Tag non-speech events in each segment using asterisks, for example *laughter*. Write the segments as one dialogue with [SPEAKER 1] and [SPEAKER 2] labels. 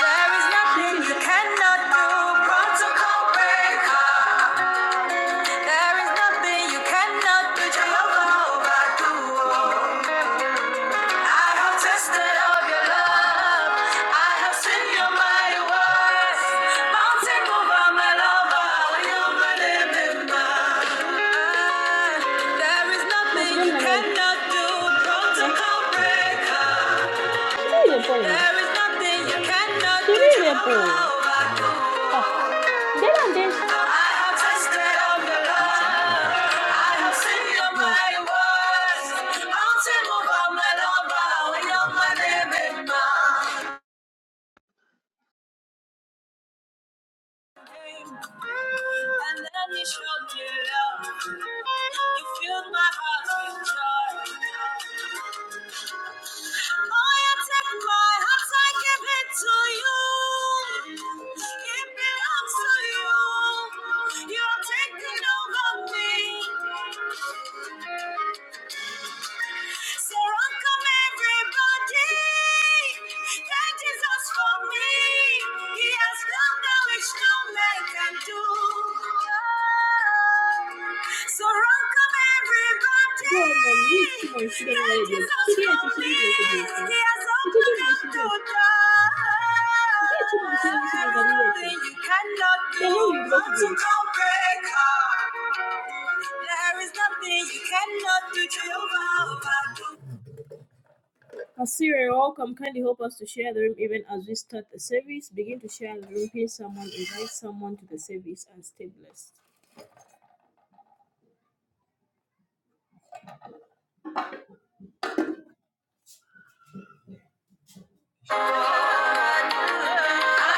[SPEAKER 1] There is nothing you cannot do, protocol breaker. There is nothing you cannot do, Jehovah do. I have tested of your love. I have seen your mighty works. Mountain mover, my lover, you believe in love. There is nothing cannot do, protocol breaker. There is nothing you cannot do, overdo. I have tasted of your love. I have seen your mighty works. Mountain move on my lover. We are my name in mind. And then you showed me love. You filled my heart with joy. Oh, you take my heart, I give it to you. It belongs to you. You're taking over me. So welcome everybody. Thank Jesus for me. He has done that which no man can do. So welcome everybody. He has all done. You cannot no breaker. There is nothing you cannot do. Jehovah overdo.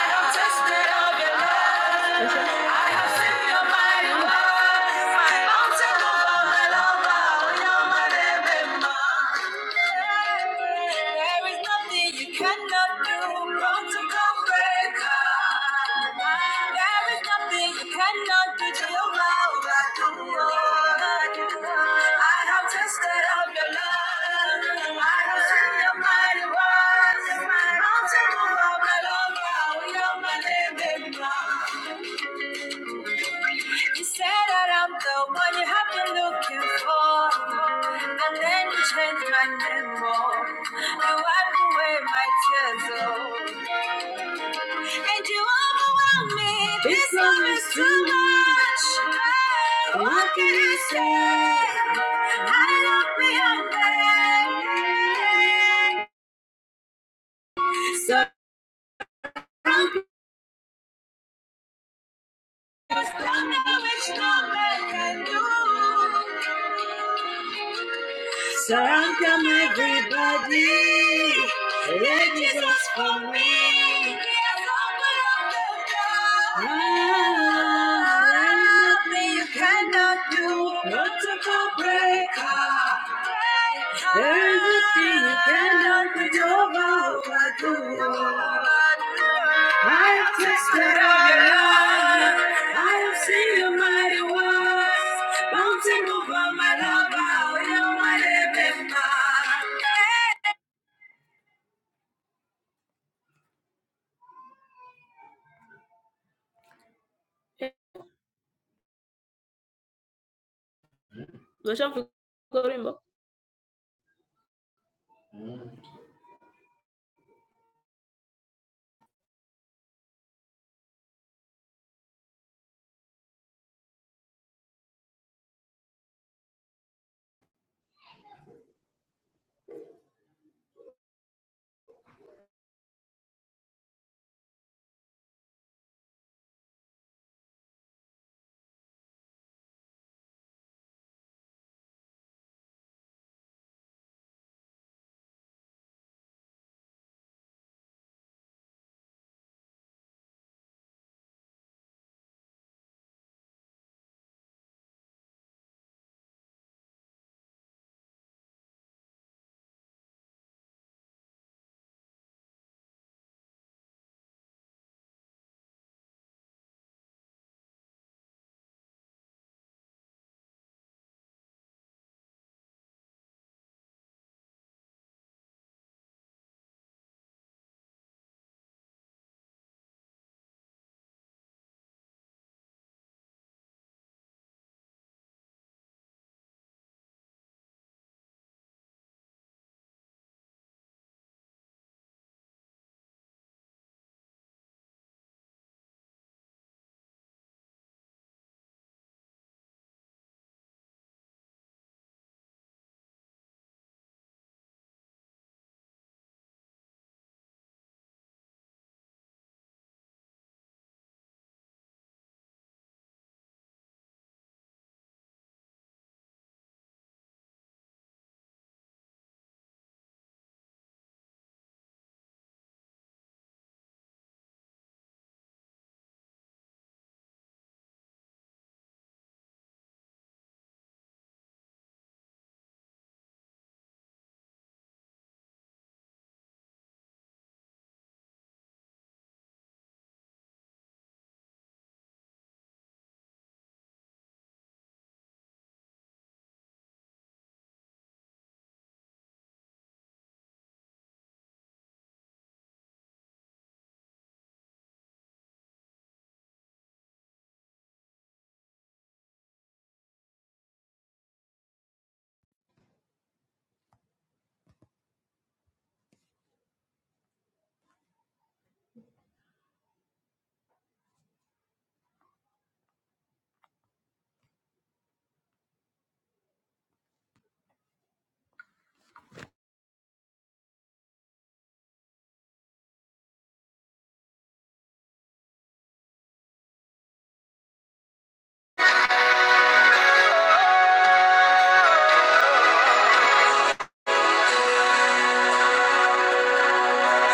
[SPEAKER 1] I've tested of your love, your mighty word. My mountain over my life. There is nothing you cannot do. Protocol breaker. There is nothing you cannot do to your mouth. I do. I have tasted of your love. I have seen your mighty works. Mountain move, my love. Oh, you're my name, you said that I'm the one you have been looking for, and then you changed my name more. You wipe away my tears, oh, and you overwhelm me. This, love is too much. much. What can you say? I love beyond that. So there's nothing which no man can do. So Let Jesus for me. Yes, open up the door. Ah, Nothing you cannot do. Multiple breaker. Breaker. Cannot be overcome. I've tasted of your love. I've seen your mighty works. Mountain over my love, how you are my been mine.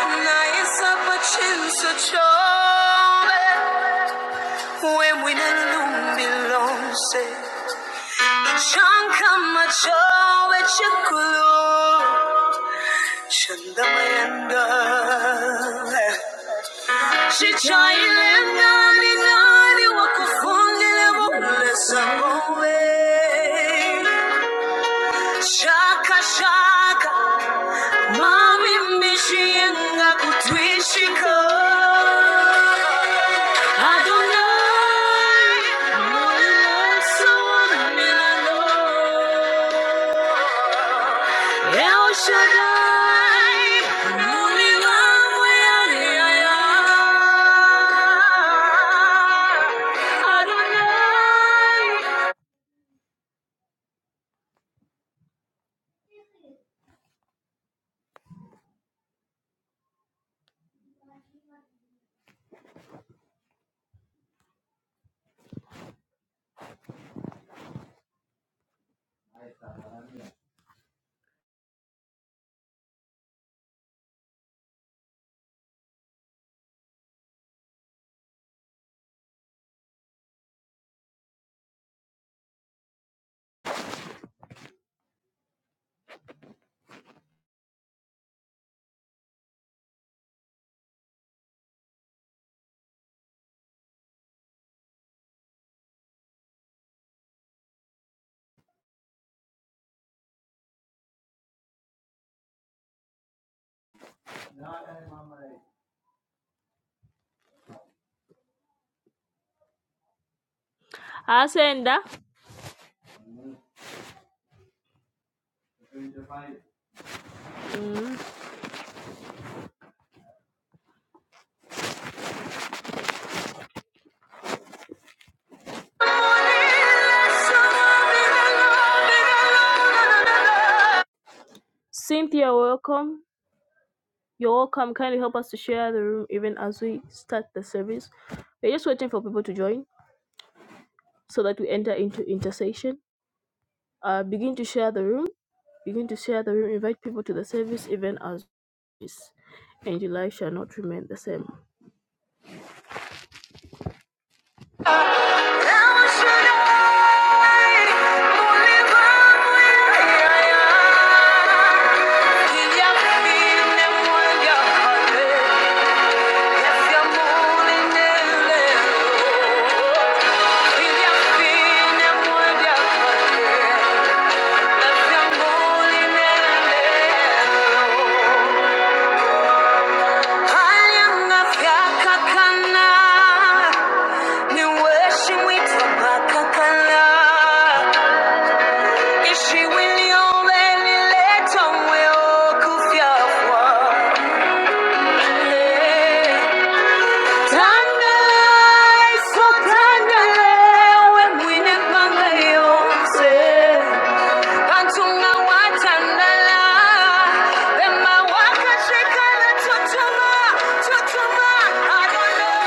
[SPEAKER 1] Naisa pachinsa chove When we nalumbi lonse Chanka machove chikulu Shanda mayanda Chichailenga ni nani wakufundi shaka. shaka. Mami mishienga kutwishiko Adonai Moloso milano El Shaddai Muli wangu yari yaya El Shaddai Muli wangu yari yaya Ishibuliyobelile tomwe okufiafwa. Tangai sotangai wemwine panga yonse kantunga watandala bema wakashekana totoma totoma adono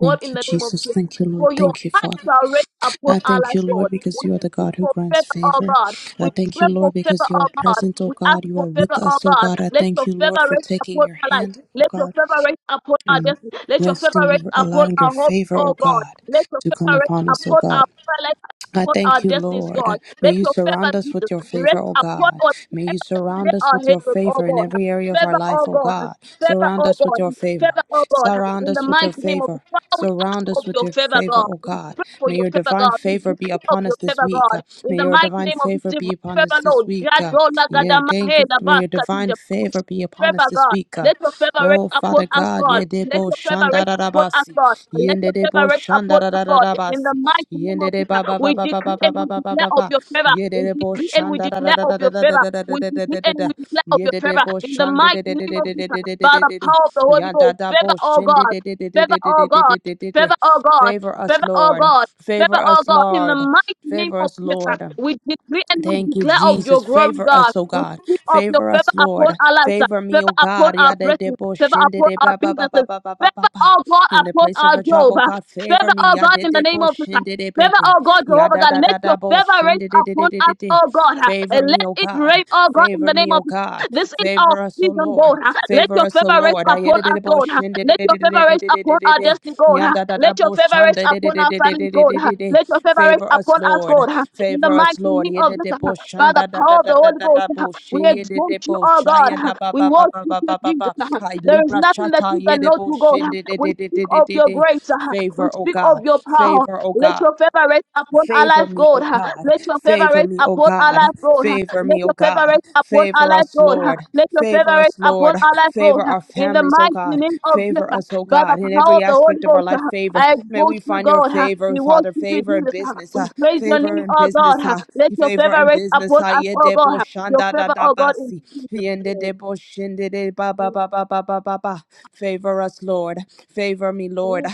[SPEAKER 2] Thank you, Jesus. Thank you, Lord. Thank you, Father. I thank you, Lord, because you are the God who grants favor. I thank you, Lord, because you are present, oh God. You are with us, oh God. I thank you, Lord, for taking your hand, oh God, and resting, allowing your favor, oh God, to come upon us, oh God. I thank you, Lord. May you surround us with your favor, O God. May you surround us with your favor in every area of our life, O God. Surround us with your favor. Surround us with your favor. Surround us with your favor, O God. May your divine favor be upon us this week. Uh, May your divine favor be upon us this week. Uh, Yeah, thank you. May your divine favor be upon us this week. Oh, Father God, Yedebo Shandarabasi, Yendebo Shandarabasi, Yende Baba Baba Baba Baba Baba Baba, Yedebo Shandarabasi, Yedebo Shandede, Yadadabo Shende, favor us, Lord, favor us, Lord, favor us, Lord. Thank you, Jesus. Favor us, oh God. Favor us, Lord. Favor me, oh God. Yada debo shinde de ba ba ba ba ba ba ba ba ba. In the place of a job, oh God, favor me. Yada debo shinde de baby. Yada da da da bo shinde de de de de de de. Favor me, oh God. Favor me, oh God. Favor us, oh Lord. Favor us, oh Lord. Lord. Ah, yedididi bo shin didididididididididi. Yandadada bo shan didididididididididi. Favor us, Lord. Favor us, Lord. Yedididi bo shan dadadadadadada bo shi yedididi bo sha yada ba ba ba ba ba ba ba ba. Ay, Libra shata yedididi bo shin didididididididi. Favor, oh God. Favor, oh God. Favor me, O God. Favor me, O God. Favor me, O God. Favor us, Lord. Favor us, Lord. Favor our families, O God. Favor us, O God. In every aspect of our life, favor. May we find your favor, Father. Favor in business. Uh, favor in business. Uh, favor in business. Uh, yedebo shanda da da basi. Yende debo shinde de ba ba ba ba ba ba ba ba. Favor us, Lord. Favor me, Lord.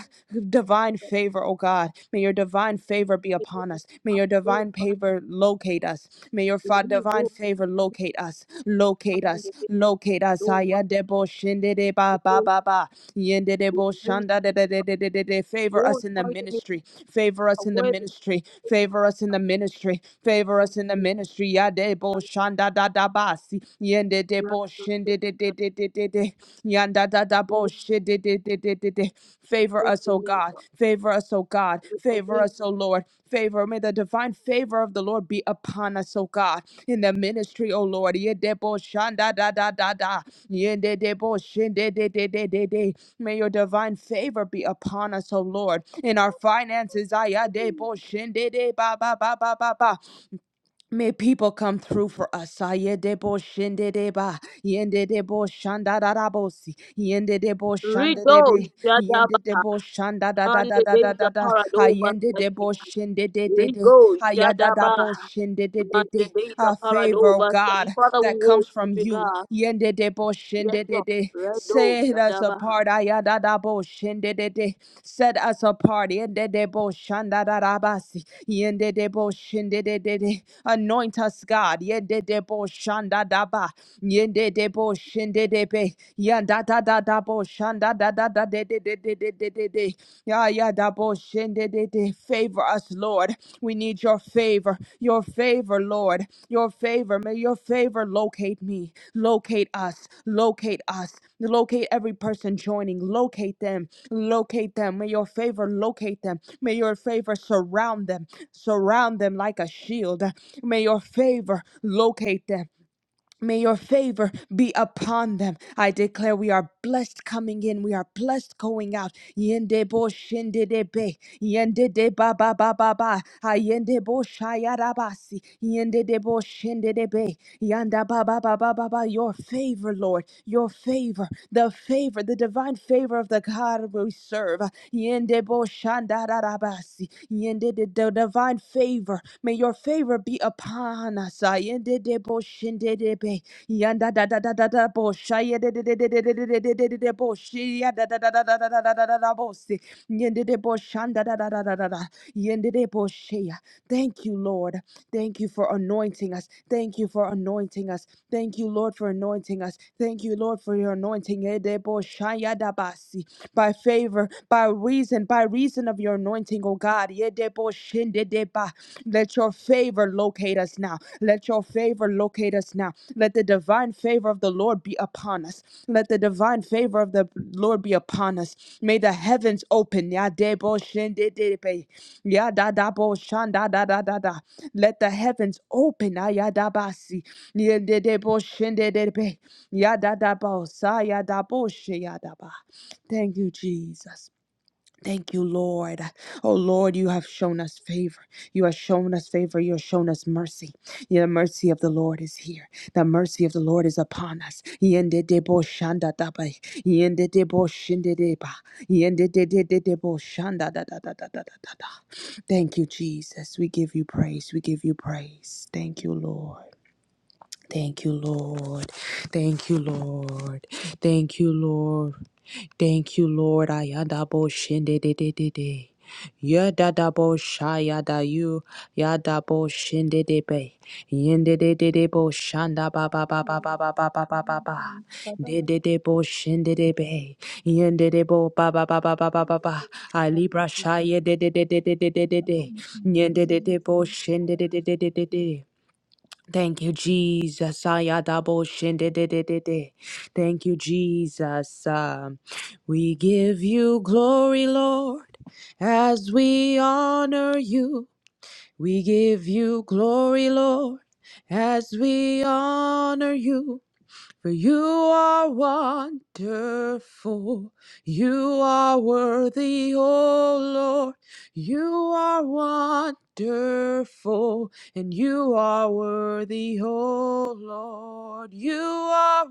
[SPEAKER 2] Divine favor, oh God. May your divine favor be upon us. May your divine favor locate us. May your fa- divine favor locate us. Locate us. Locate us. Aya debo shinde de ba ba ba ba. Yende debo shanda de de de de de de. de. Favor us in the ministry. Favor us in the ministry. Favor us in the ministry ministry. Favor us in the ministry. Yadebo shanda da da basi. Yende debo shinde de de de de de de. Yanda da da bo shinde de de de de de. Favor us, O God. Favor us, O God. Favor us, O Lord. Favor. May the divine favor of the Lord be upon us, O God. In the ministry, O Lord. Yedebo shanda da da da da. Yende debo shinde de de de de de. May your divine favor be upon us, O Lord, in our finances. Ayade bo ba ba ba ba ba ba. May people come through for us. Ayede bo shinde de ba. Yende de da da si. da da da da da da da. Ayende Ayada da bo a favor, oh God, that comes from you. Yende de bo shende de de. Set us apart. Ayada da bo shende de de. Set us apart. Yende de bo shanda da da basi. Yende de bo shende de de de. Anoint us, God. Yende de bo shanda da ba. Yende de bo shende de be. Yanda da da da bo shanda da da da de de de de de de de de. Ah, yeah, shende de de. Favor us, Lord. We need your favor, your favor, Lord, your favor. May your favor locate me, locate us, locate us, locate every person joining, locate them, locate them. May your favor locate them. May your favor surround them, surround them like a shield. May your favor locate them. May your favor be upon them. I declare we are blessed coming in. We are blessed going out. Yende bo shende de be. Yende de ba ba ba ba ba. Ayende bo shayarabasi. Yende de bo shende de be. Yanda ba ba ba ba ba ba. Your favor, Lord. Your favor. The favor. The divine favor of the God we serve. Yende bo Yende de divine favor. May your favor be upon us. ah, Yende de bo shinde de be. si. Yende de bo Yende de bo Thank you, Lord. Thank you for anointing us. Thank you for anointing us. Thank you, Lord, for for anointing us. Thank you, Lord, for your anointing. By favor, by reason, by reason of your anointing, O God. Let your favor locate us now. Let your favor locate us now. Let the divine favor of the Lord be upon us. Let the divine favor of the Lord be upon us. May the heavens open. Ya da da bo shan da da da da da. Let the heavens open. Ah, ya da ba si. Yeah, de de bo shin de de be. ya da da bo sa ya da bo shi ya da ba. Thank you, Jesus. Thank you, Lord. Oh, Lord, you have shown us favor. You have shown us favor. You have shown us mercy. The mercy of the Lord is here. The mercy of the Lord is upon us. Yendedebo shandadabai. Yendedebo shindedeba. Yendededebo shanda da da. da da da da da. Thank you, Jesus. We give you praise. We give you praise. Thank you, Lord. Thank you, Lord. Thank you, Lord. Thank you, Lord, Thank you, Lord. Ayadabo shinde de de de de. Yadadabo shayada you. Yadabo shinde de be. Yende de de de bo shanda ba ba ba ba ba
[SPEAKER 3] Um,
[SPEAKER 2] ba ba ba ba ba ba.
[SPEAKER 3] um, Baba, that's- that's-
[SPEAKER 2] De de de bo shinde de be. Yende de bo ba ba ba ba ba ba ba
[SPEAKER 3] that's-
[SPEAKER 2] ba.
[SPEAKER 3] that's- that's-
[SPEAKER 2] Alibra shaye de de de de de de de de
[SPEAKER 3] that's-
[SPEAKER 2] de. Yende de de
[SPEAKER 3] that's-
[SPEAKER 2] bo shinde
[SPEAKER 3] that's-
[SPEAKER 2] de de de de de
[SPEAKER 3] that's-
[SPEAKER 2] de. Thank you, Jesus. Ayadabo shindedededede. Thank you, Jesus. Um, we give you glory, Lord, as we honor you. We give you glory, Lord, as we honor you. For you are wonderful. You are worthy, O Lord. You are wonderful. And you are worthy, O Lord. You are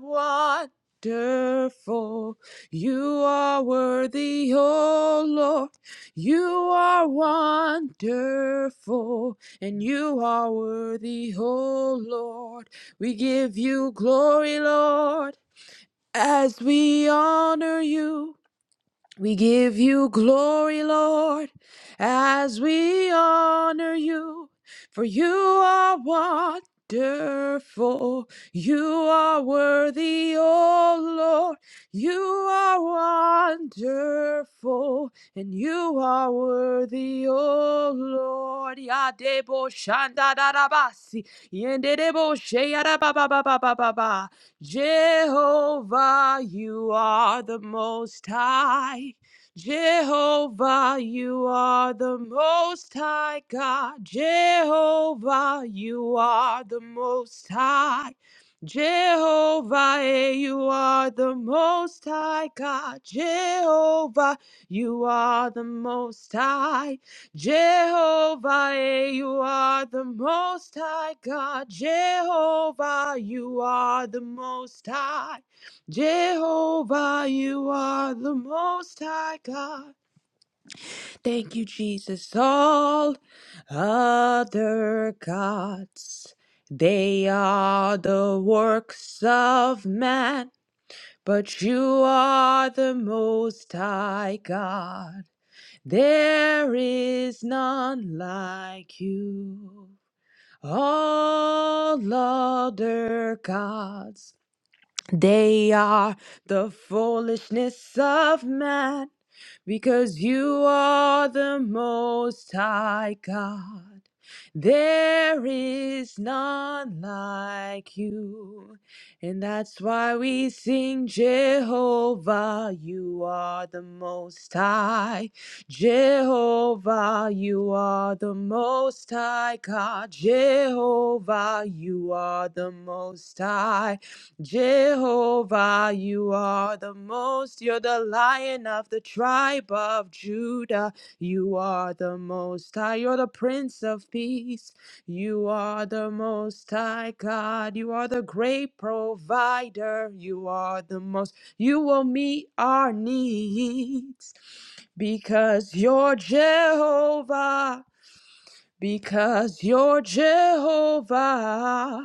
[SPEAKER 2] wonderful. You are worthy, O Lord. You are wonderful. And you are worthy, O Lord. We give you glory, Lord, as we honor you. We give you glory, Lord, as we honor you, for you are wonderful. You are worthy, oh Lord. You are wonderful, and you are worthy, oh Lord. Yadebo shandadarabasi, yendedebo sheyarabababababa. Jehovah, you are the most high. Jehovah, you are the most high God. Jehovah, you are the most high. Jehovah, eh, you are the most high God. Jehovah, you are the most high. Jehovah, eh, you are the most high God. Jehovah, you are the most high. Jehovah, you are the most high God. Thank you, Jesus. All other gods, they are the works of man, but you are the most high God. There is none like you. All other gods they are the foolishness of man because you are the most high God. There is none like you. And that's why we sing Jehovah, you are the most high. Jehovah, you are the most high God. Jehovah, you are the most high. Jehovah, you are the most, you're the lion of the tribe of Judah. You are the most high, you're the prince of peace. You are the most high God, you are the great provider. You are the most, you will meet our needs because you're Jehovah. Because you're Jehovah.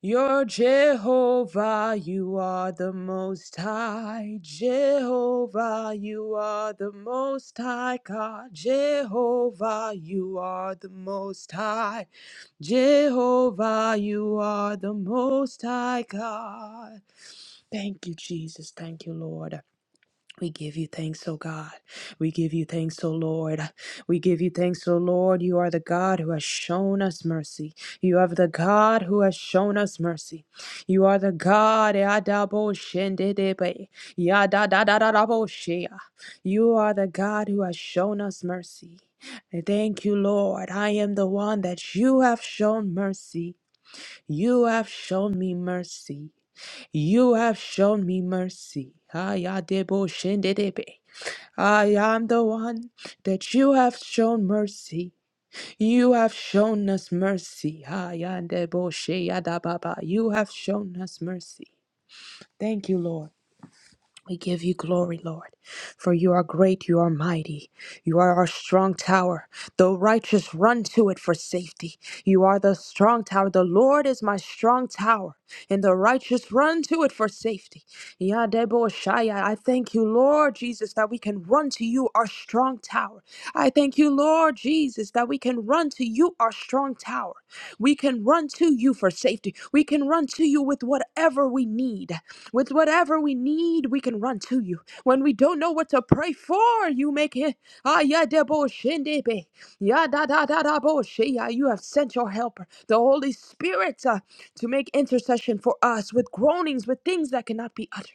[SPEAKER 2] You're Jehovah, you are the most high. Jehovah, you are the most high God. Jehovah, you are the most high. Jehovah, you are the most high God. Thank you, Jesus. Thank you, Lord. We give you thanks, O God. We give you thanks, O Lord. We give you thanks, O Lord. You are the God who has shown us mercy. You are the God who has shown us mercy. You are the God. Yadabo shendedebe. Yadadadadadabo shea. You are the God who has shown us mercy. Thank you, Lord. I am the one that you have shown mercy. You have shown me mercy. You have shown me mercy. Ayadebo shendedebe. I am the one that you have shown mercy. You have shown us mercy. Ayandebo sheyadababa. You have shown us mercy. Thank you, Lord. We give you glory, Lord, for you are great, you are mighty, you are our strong tower. The righteous run to it for safety. You are the strong tower. The Lord is my strong tower, and the righteous run to it for safety. Yadebo Shaya, I thank you, Lord Jesus, that we can run to you, our strong tower. I thank you, Lord Jesus, that we can run to you, our strong tower. We can run to you for safety. We can run to you with whatever we need. With whatever we need, we can run to you. When we don't know what to pray for, you make it. Ah, yeah, debo shindebe, Ya da da da da bo shi Ah, You have sent your helper, the Holy Spirit, uh, to make intercession for us with groanings, with things that cannot be uttered.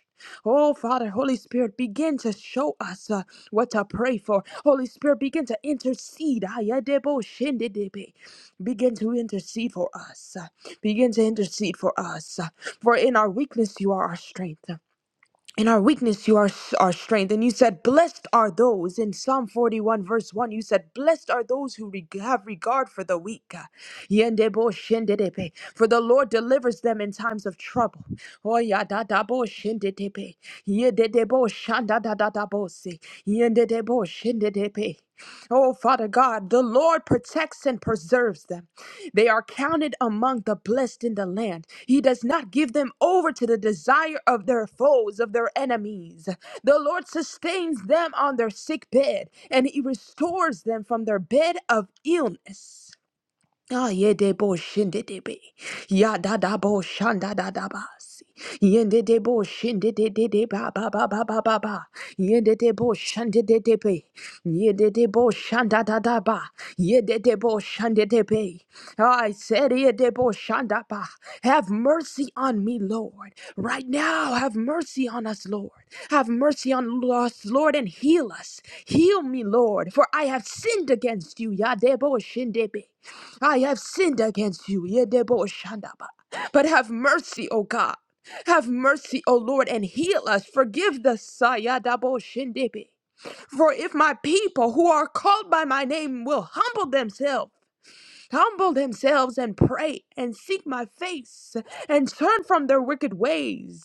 [SPEAKER 2] Oh, Father, Holy Spirit, begin to show us uh, what to pray for. Holy Spirit, begin to intercede. Ah, yeah, de bo Begin to intercede for us. Begin to intercede for us. For in our weakness, you are our strength. In our weakness, you are s- our strength. And you said, Blessed are those. In Psalm 41, verse 1, you said, Blessed are those who reg- have regard for the weak. Yendebo shendedepe. For the Lord delivers them in times of trouble. Oyadadabo shendedepe. Yededebo shandadadadabose. Yendedebo shendedepe. Oh, Father God, the Lord protects and preserves them. They are counted among the blessed in the land. He does not give them over to the desire of their foes, of their enemies. The Lord sustains them on their sick bed, and He restores them from their bed of illness. Ah, ye de bo shinde de be. Ya da da bo shanda da da ba. si. Yende de bo shinde de de de ba ba ba ba ba ba ba. Yende de bo shande de de be. Yende de bo shanda da da ba. Yende de bo shande de be. Ah, I said, ye de bo shanda ba. Have mercy on me, Lord. Right now, have mercy on us, Lord. Have mercy on us, Lord, and heal us. Heal me, Lord, for I have sinned against you. Ya de bo shinde be. I have sinned against you, Yedebo Shandaba. But have mercy, O God. Have mercy, O Lord, and heal us. Forgive the Sayadabo Shindibi. For if my people who are called by my name will humble themselves humble themselves and pray and seek my face and turn from their wicked ways.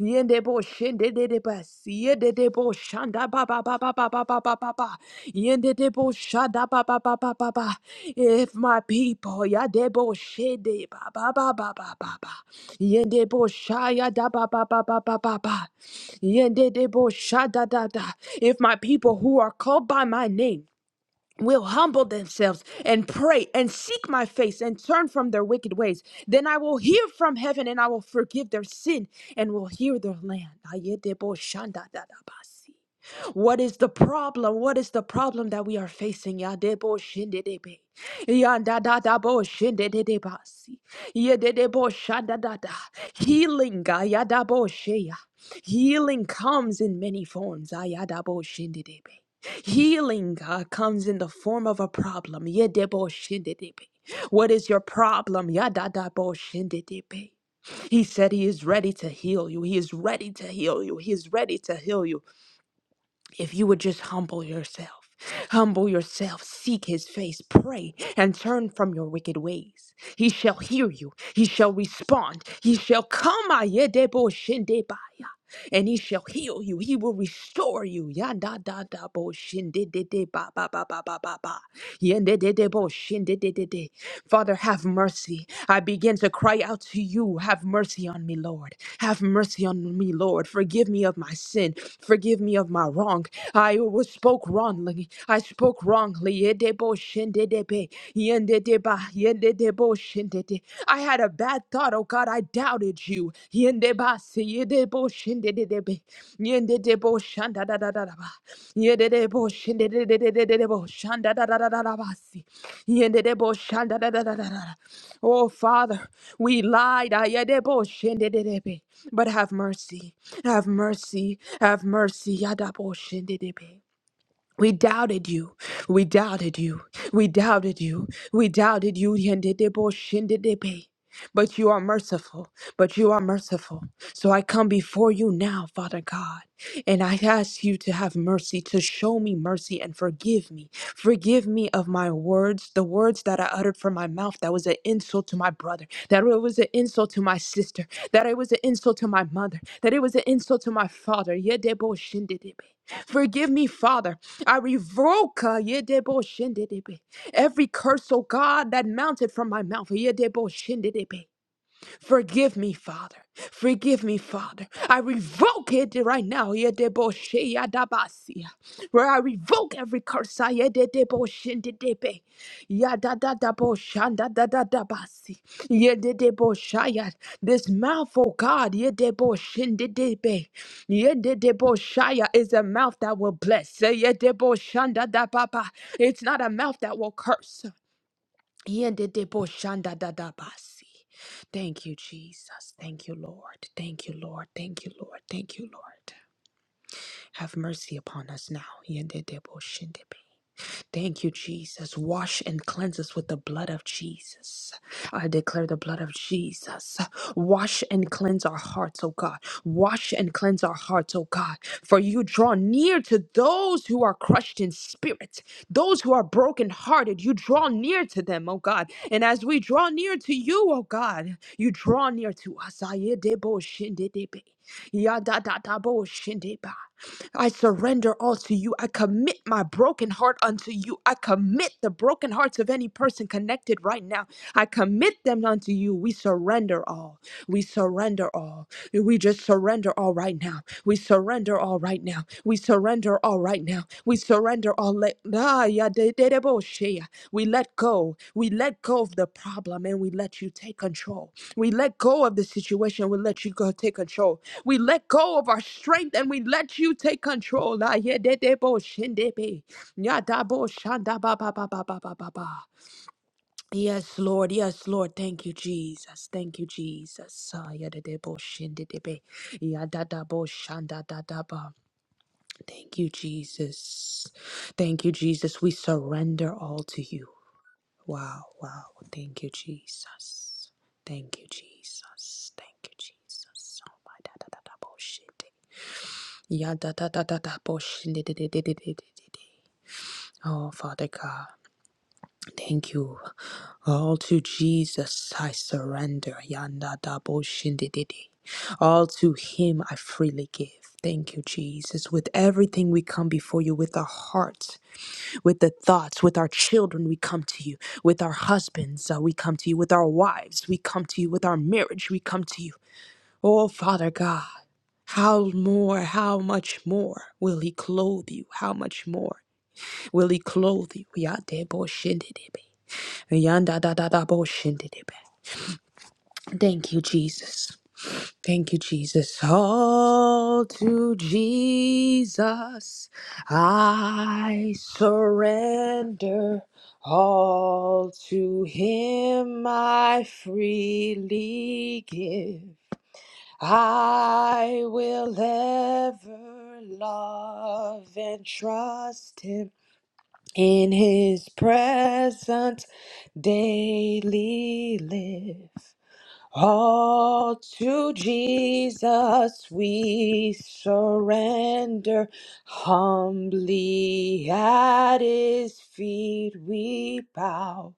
[SPEAKER 2] Yendebo shendedebas, yendedebo shanda ba ba ba ba ba ba ba ba ba ba, yendedebo shada ba ba ba ba ba ba. If my people, yadebo shede ba ba ba ba ba ba ba, yendebo shaya da ba ba ba ba ba ba ba, yendedebo shada da da. If my people who are called by my name will humble themselves and pray and seek my face and turn from their wicked ways. Then I will hear from heaven and I will forgive their sin and will heal their land. Ayedeboshandadadabasi. What is the problem? What is the problem that we are facing? Yadeboshindedebe. Yandadadaboshindedebasi. Yedeboshandadada. Healing. ayadabosheya. Healing comes in many forms. Ayadaboshindedebe. Healing uh, comes in the form of a problem. Yedeboshindedebe. What is your problem? Yadadaboshindedebe. He said he is ready to heal you. He is ready to heal you. He is ready to heal you if you would just humble yourself, humble yourself, seek his face, pray, and turn from your wicked ways. He shall hear you, he shall respond, he shall come, ayedebo and he shall heal you, he will restore you. Yanda ba ba ba ba ba ba ba. Yende Father, have mercy. I begin to cry out to you. Have mercy on me, Lord. Have mercy on me, Lord. Forgive me of my sin. Forgive me of my wrong. I was spoke wrongly. I spoke wrongly. Edebo shindedebe, yendedeba, yendedebo shindede. I had a bad thought, oh God. I doubted you. Yebasi yedebo shinde de debe. Yende debo shanda da da da da ba. Yede debo shinde de de de de de debo shanda da da da da da basi. Yende debo shanda da da da da da. da. Oh Father, we lied. ah, yedebo shinde de debe. But have mercy. Have mercy. Have mercy. Yadabo shinde debe. We doubted you. We doubted you. We doubted you. We doubted you. Yendedebo shindedebe. But you are merciful. But you are merciful. So I come before you now, Father God, and I ask you to have mercy, to show me mercy and forgive me. Forgive me of my words, the words that I uttered from my mouth that was an insult to my brother, that it was an insult to my sister, that it was an insult to my mother, that it was an insult to my father. Yedebo shindedebe. Forgive me, Father. I revoke uh, yedebo shendedebe, every curse, oh God, that mounted from my mouth. yedebo shendedebe. Forgive me, Father. Forgive me, Father. I revoke it right now. Yedeboshe yadabasia. Where I revoke every curse. ah, yedeboshendedebe. Yadadadaboshandadadadabasi. Yedebosha. This mouth, oh God, yedeboshendedebe. Yedebosha is a mouth that will bless. Yedeboshandadababa. It's not a mouth that will curse. Yendedeboshandadadabasi. Thank you, Jesus. Thank you, Lord. Thank you, Lord. Thank you, Lord. Thank you, Lord. Have mercy upon us now. Yendedeboshindebi. Thank you, Jesus. Wash and cleanse us with the blood of Jesus. I declare the blood of Jesus. Wash and cleanse our hearts, oh God. Wash and cleanse our hearts, oh God. For you draw near to those who are crushed in spirit, those who are brokenhearted. You draw near to them, oh God. And as we draw near to you, oh God, you draw near to us. Ayedebo shindedebe. Yadadadabo shindeba. I surrender all to you. I commit my broken heart unto you. I commit the broken hearts of any person connected right now. I commit them unto you. We surrender all. We surrender all. We just surrender all right now. We surrender all right now. We surrender all right now right now. We surrender all. Le- Ah, ya de- de- de- bo- shea. we let go. We let go of the problem and we let you take control. We let go of the situation. We let you go take control. We let go of our strength and we let you take control. Ah, ya de- de- bo- shende be. Ya da bo- shanda ba ba ba ba ba ba ba ba. Yes, Lord. Yes, Lord. Thank you, Jesus. Thank you, Jesus. Ah, ya de- de- bo- shende de de- be. Ya da da bo- shanda da da da ba. Thank you, Jesus. Thank you, Jesus. We surrender all to you. Wow, wow. Thank you, Jesus. Thank you, Jesus. Thank you, Jesus. Oh my da da da da bullshit. Ya da da da da da bullshit. di- di- di- di- di- di- di- di- di. Oh Father God, thank you. All to Jesus I surrender. Yanda da bullshit. di- di- di. All to Him I freely give. Thank you, Jesus. With everything we come before you with our hearts with the thoughts, with our children, we come to you. With our husbands, uh, we come to you. With our wives, we come to you. With our marriage, we come to you. Oh, Father God, how more, how much more will He clothe you? How much more will He clothe you? Yadebo shindidebe. Yandadadadabo shindidebe. Thank you, Jesus. Thank you, Jesus. All to Jesus I surrender. All to Him I freely give. I will ever love and trust Him in His presence daily live. All to Jesus we surrender, humbly at his feet we bow.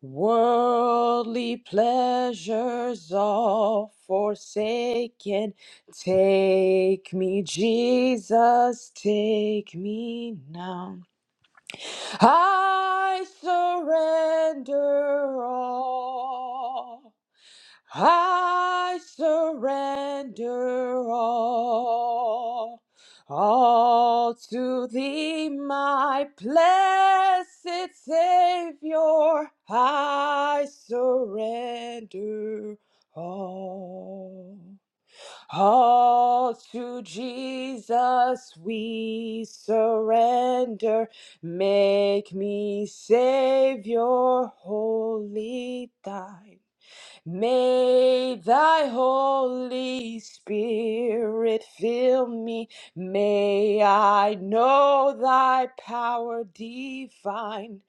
[SPEAKER 2] Worldly pleasures all forsaken, take me, Jesus, take me now. I surrender all. I surrender all, all to thee, my blessed Savior. I surrender all. All to Jesus we surrender. Make me Savior, wholly thine. May thy Holy Spirit fill me. May I know thy power divine.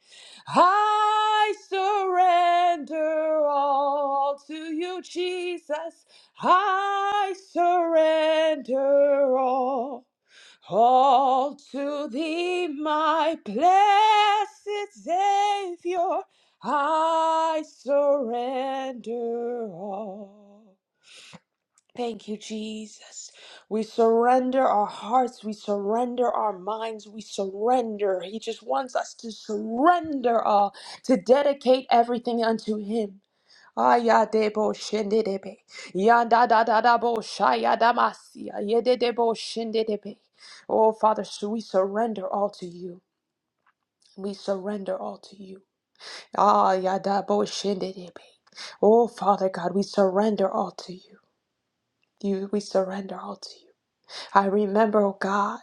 [SPEAKER 2] I surrender all to you, Jesus. I surrender all. All to thee, my blessed Savior. I surrender all. Thank you, Jesus. We surrender our hearts. We surrender our minds. We surrender. He just wants us to surrender all, to dedicate everything unto Him. Ayadebo shindedebe. Yandadadadabo shayadamasia. Yededebo shindedebe. Oh, Father, so we surrender all to you. We surrender all to you. Ah, yada bo shinde de be. Oh, Father God, we surrender all to you. You, we surrender all to you. I remember, oh God,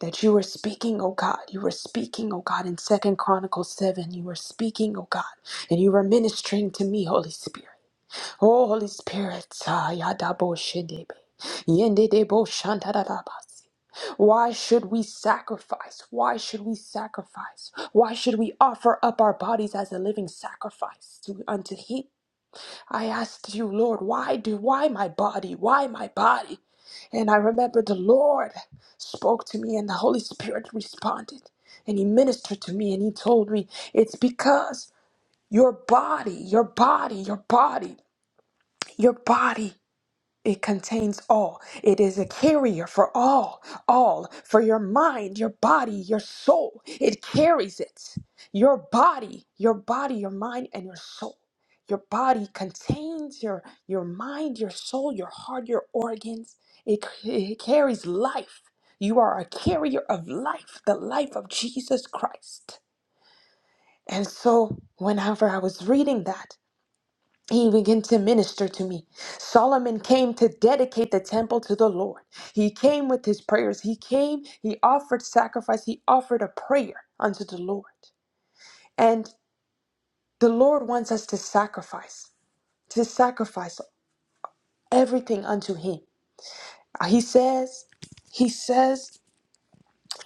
[SPEAKER 2] that you were speaking, oh God. You were speaking, oh God, in Second Chronicles 7. You were speaking, oh God, and you were ministering to me, Holy Spirit. Oh, Holy Spirit, ah, yada bo why should we sacrifice? Why should we sacrifice? Why should we offer up our bodies as a living sacrifice to, unto Him? I asked you, Lord, why do, why my body? Why my body? And I remember the Lord spoke to me and the Holy Spirit responded and He ministered to me and He told me, it's because your body, your body, your body, your body. It contains all. It is a carrier for all, all for your mind, your body, your soul. It carries it. Your body, your body, your mind, and your soul. Your body contains your your mind, your soul, your heart, your organs. It, c- it carries life. You are a carrier of life, the life of Jesus Christ. And so, whenever I was reading that. He began to minister to me. Solomon came to dedicate the temple to the Lord. He came with his prayers. He came, he offered sacrifice, he offered a prayer unto the Lord. And the Lord wants us to sacrifice, to sacrifice everything unto him. He says, he says,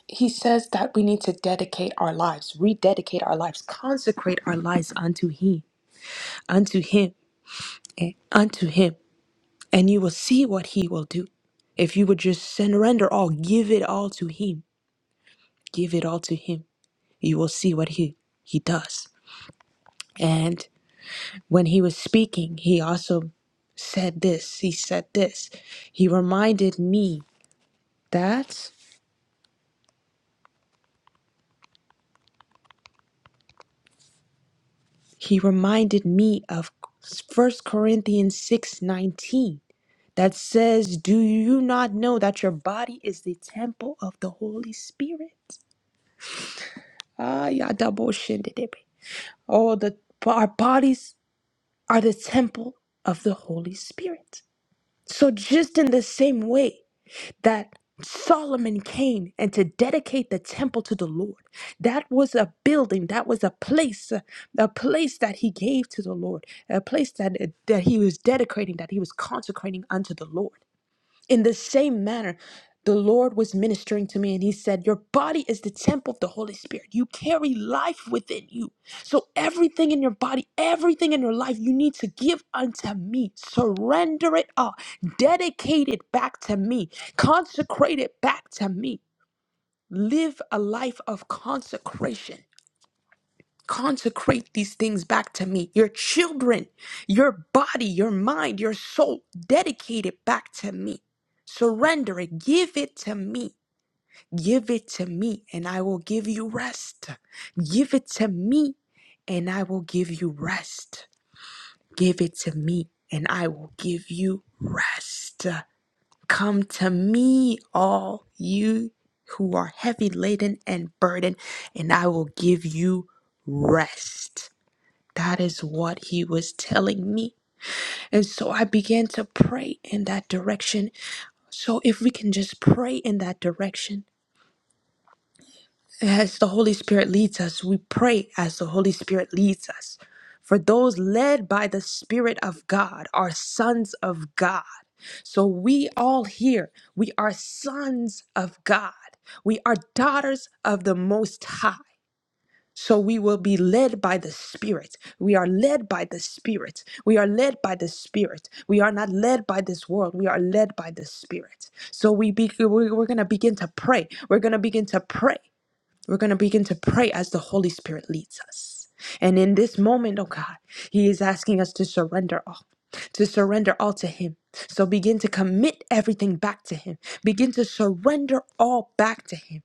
[SPEAKER 2] he says that we need to dedicate our lives, rededicate our lives, consecrate our lives unto him, unto him, eh, unto him. and you will see what he will do. If you would just surrender all, give it all to him, give it all to him, you will see what he, he does. And when he was speaking, he also said this. He said this. He reminded me that he reminded me of First Corinthians 6 19 that says, Do you not know that your body is the temple of the Holy Spirit? Ah, yada bullshit. Oh, the our bodies are the temple of the Holy Spirit. So just in the same way that Solomon came and to dedicate the temple to the Lord. That was a building, that was a place, a, a place that he gave to the Lord, a place that that he was dedicating, that he was consecrating unto the Lord. In the same manner, the Lord was ministering to me and he said, Your body is the temple of the Holy Spirit. You carry life within you. So, everything in your body, everything in your life, you need to give unto me. Surrender it all. Dedicate it back to me. Consecrate it back to me. Live a life of consecration. Consecrate these things back to me. Your children, your body, your mind, your soul, dedicate it back to me. Surrender it. Give it to me. Give it to me, and I will give you rest. Give it to me, and I will give you rest. Give it to me, and I will give you rest. Come to me, all you who are heavy laden and burdened, and I will give you rest. That is what he was telling me. And so I began to pray in that direction. So if we can just pray in that direction, as the Holy Spirit leads us, we pray as the Holy Spirit leads us. For those led by the Spirit of God are sons of God. So we all here, we are sons of God. We are daughters of the Most High. So we will be led by the Spirit. We are led by the Spirit. We are led by the Spirit. We are not led by this world. We are led by the Spirit. So we be, we're, we're going to begin to pray. We're going to begin to pray. We're going to begin to pray as the Holy Spirit leads us. And in this moment, oh God, He is asking us to surrender all, to surrender all to Him. So begin to commit everything back to Him. Begin to surrender all back to Him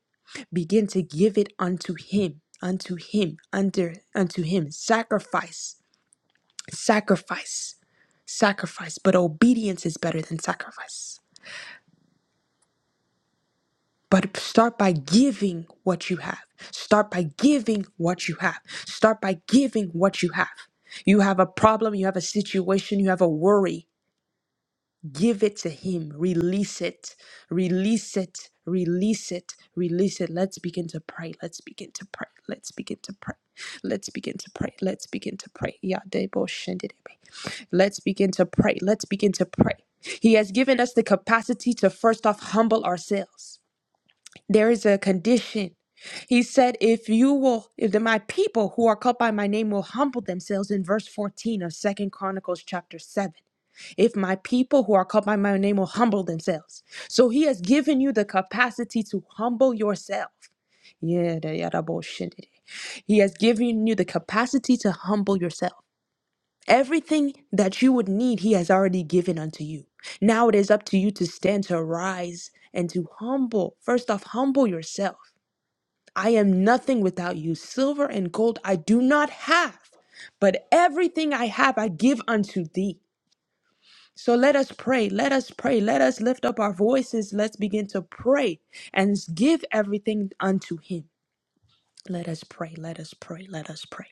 [SPEAKER 2] begin to give it unto him unto him under unto him sacrifice sacrifice sacrifice but obedience is better than sacrifice but start by giving what you have start by giving what you have start by giving what you have you have a problem you have a situation you have a worry Give it to Him. Release it. Release it. Release it. Release it. Let's begin to pray. Let's begin to pray. Let's begin to pray. Let's begin to pray. Let's begin to pray. Yeah, they both shindidibi. Let's begin to pray. Let's begin to pray. He has given us the capacity to first off humble ourselves. There is a condition. He said, If you will, if the- my people who are called by my name will humble themselves in verse 14 of Second Chronicles chapter 7 if my people who are called by my name will humble themselves. So he has given you the capacity to humble yourself. Yeah, the ya- da- bo- He has given you the capacity to humble yourself. Everything that you would need, He has already given unto you. Now it is up to you to stand, to rise, and to humble. First off, humble yourself. I am nothing without you. Silver and gold I do not have, but everything I have I give unto thee. So let us pray, let us pray, let us lift up our voices, let's begin to pray and give everything unto Him. Let us pray. Let us pray. Let us pray.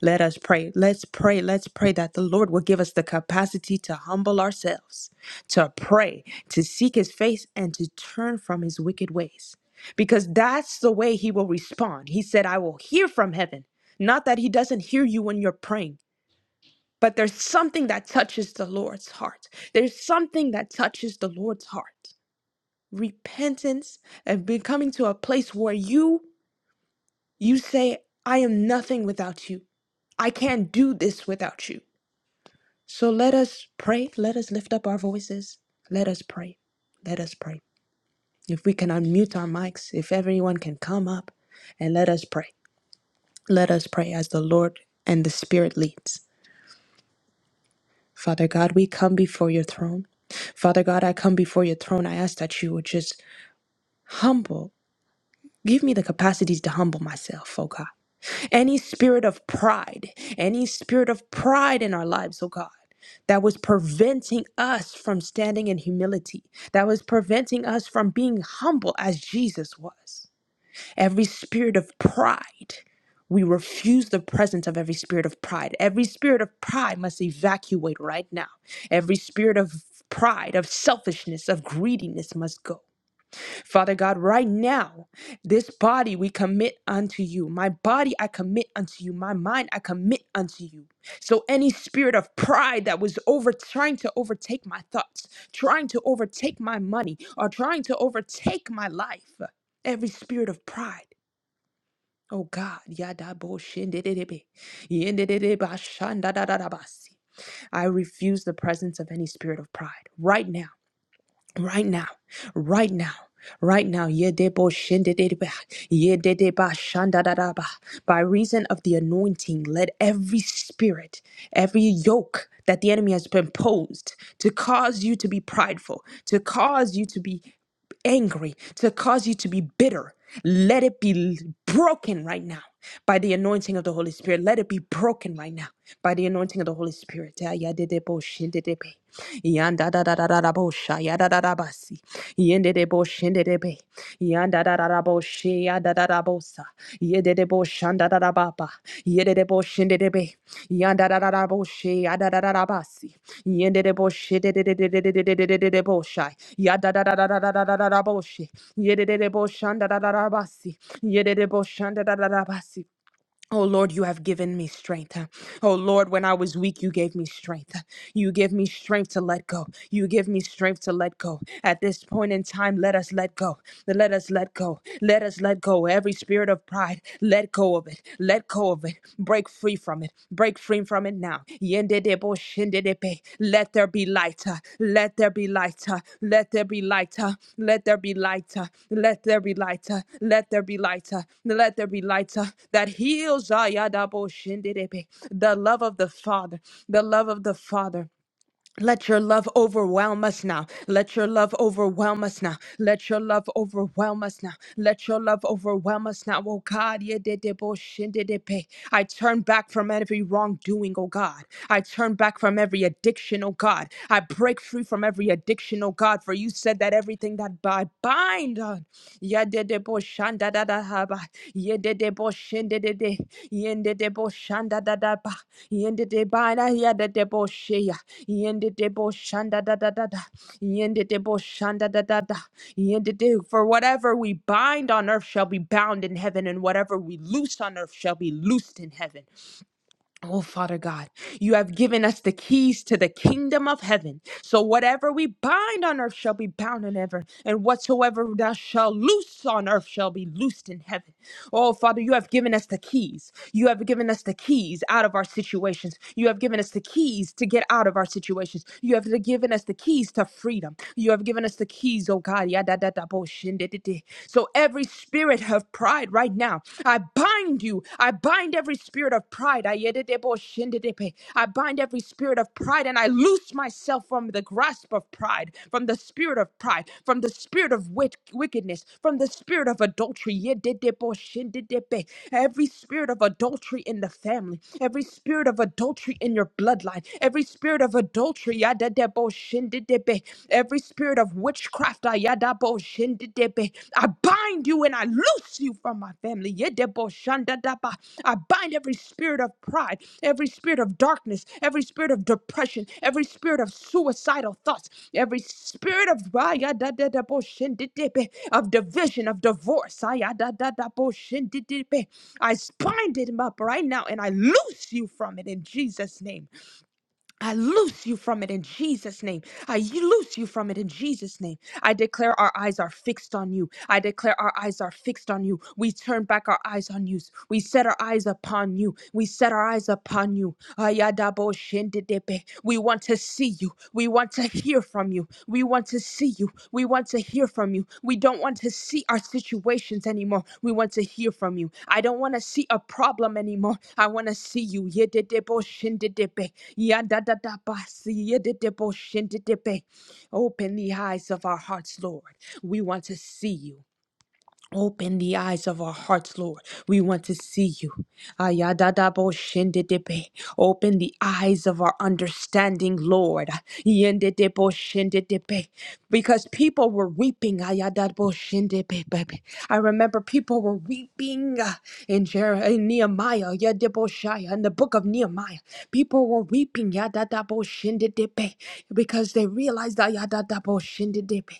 [SPEAKER 2] Let us pray. Let's pray. Let's pray that the Lord will give us the capacity to humble ourselves, to pray, to seek his face, and to turn from his wicked ways. Because that's the way he will respond. He said, I will hear from heaven. Not that he doesn't hear you when you're praying, but there's something that touches the Lord's heart. There's something that touches the Lord's heart. Repentance and becoming to a place where you you say, I am nothing without you. I can't do this without you. So let us pray. Let us lift up our voices. Let us pray. Let us pray. If we can unmute our mics, if everyone can come up and let us pray. Let us pray as the Lord and the Spirit leads. Father God, we come before your throne. Father God, I come before your throne. I ask that you would just humble Give me the capacities to humble myself, oh God. Any spirit of pride, any spirit of pride in our lives, oh God, that was preventing us from standing in humility, that was preventing us from being humble as Jesus was. Every spirit of pride, we refuse the presence of every spirit of pride. Every spirit of pride must evacuate right now. Every spirit of pride, of selfishness, of greediness must go. Father God, right now, this body we commit unto you. My body I commit unto you. My mind I commit unto you. So any spirit of pride that was over trying to overtake my thoughts, trying to overtake my money, or trying to overtake my life, every spirit of pride. Oh God, yada bo shindididebe, yindidideba shandadadadabasi. I refuse the presence of any spirit of pride right now right now, right now. Right now, Yedebo Shindedeba, Yedeba Shandadadaba. By reason of the anointing, let every spirit, every yoke that the enemy has been posed to cause you to be prideful, to cause you to be angry, to cause you to be bitter, let it be broken right now by the anointing of the Holy Spirit. Let it be broken right now by the anointing of the Holy Spirit. Ah, ya de de bo shin de de be. Yan da da da da da da bo sha, ya da da da ba si. Yen de de bo shin de de be. Yan da da da da bo she, ya da da da bo sa. Ye de de bo shan da da da ba ba. Ye de de bo shin de de be. Yan da da da da bo she, ya da da da da ba si. Yen de de bo she de de de de de de de de de de de bo sha. Ya da da da da da da da da da da boshi. Ye de de de boshan da da da da basi. Ye de de boshan da da da da basi. Oh Lord, you have given me strength. Oh Lord, when I was weak, you gave me strength. You give me strength to let go. You give me strength to let go. At this point in time, let us let go. Let us let go. Let us let go. Every spirit of pride, let go of it. Let go of it. Break free from it. Break free from it now. Rabbi. Let there be light. uh, Let there be light. uh, Let there be light. uh, Let there be light. uh, Let there be light. uh, Let there be light. uh, Let there be light uh, that heals. uh, yadabo shindidibi. The love of the Father. The love of the Father let your love overwhelm us now. Let your love overwhelm us now. Let your love overwhelm us now. Let your love overwhelm us now. Oh God, ye de de bo shin de de pe. I turn back from every wrongdoing, oh God. I turn back from every addiction, oh God. I break free from every addiction, oh God, for you said that everything that I bind on. Yadede bo shanda da da haba. Yedede bo shende de de. Yende de bo shanda da da ba. Yende de ba na yadede bo sheya. Yende de bo shanda da da da da. Yende de bo shanda da da da. Yende de for whatever we bind on earth shall be bound in heaven, and whatever we loose on earth shall be loosed in heaven. Oh, Father God, you have given us the keys to the kingdom of heaven. So whatever we bind on earth shall be bound in heaven, and whatsoever thou shalt loose on earth shall be loosed in heaven. Oh, Father, you have given us the keys. You have given us the keys out of our situations. You have given us the keys to get out of our situations. You have given us the keys to freedom. You have given us the keys, oh God. yada, da, So every spirit of of pride right now. I bind you. I bind every spirit of pride. Ayededeboshindedepe. I bind every spirit of pride and I loose myself from the grasp of pride, from the spirit of pride, from the spirit of wit- wickedness, from the spirit of adultery. Yededeboshindedepe. Every spirit of adultery in the family, every spirit of adultery in your bloodline, every spirit of adultery. yadedeboshindedepe. Every spirit spirit of witchcraft. Ayadabo shindidebe. I bind you and I loose you from my family. Yedebo shandadaba. I bind every spirit of pride, every spirit of darkness, every spirit of depression, every spirit of suicidal thoughts, every spirit of ayadadadabo shindidebe, of division, of divorce. Ayadadadabo shindidebe. I bind it up right now and I loose you from it in Jesus' name. I loose you from it in Jesus' name. I y- loose you from it in Jesus' name. I declare our eyes are fixed on you. I declare our eyes are fixed on you. We turn back our eyes on you. We set our eyes upon you. We set our eyes upon you. Ayadabo shendedepe. We want to see you see you. We want to hear from you. We want to see you. We want to hear from you. We don't want to see our situations anymore. We want to hear from you. I don't want to see a problem anymore. I want to see you. Yedidebo shindidebe. Yadadadabasi. Yedidebo shindidebe. Open the eyes of our hearts, Lord. We want to see you. Open the eyes of our hearts, Lord. We want to see you. Ayadadaboshendedebe. Open the eyes of our understanding, Lord. Yendedeboshendedebe. Because people were weeping. Ayadadaboshendedebe. I remember people were weeping uh, in, Jer- in Nehemiah, Yedeboshaya, in the book of Nehemiah. People were weeping. Yadadaboshindidibe, because they realized that yadadaboshindidibe,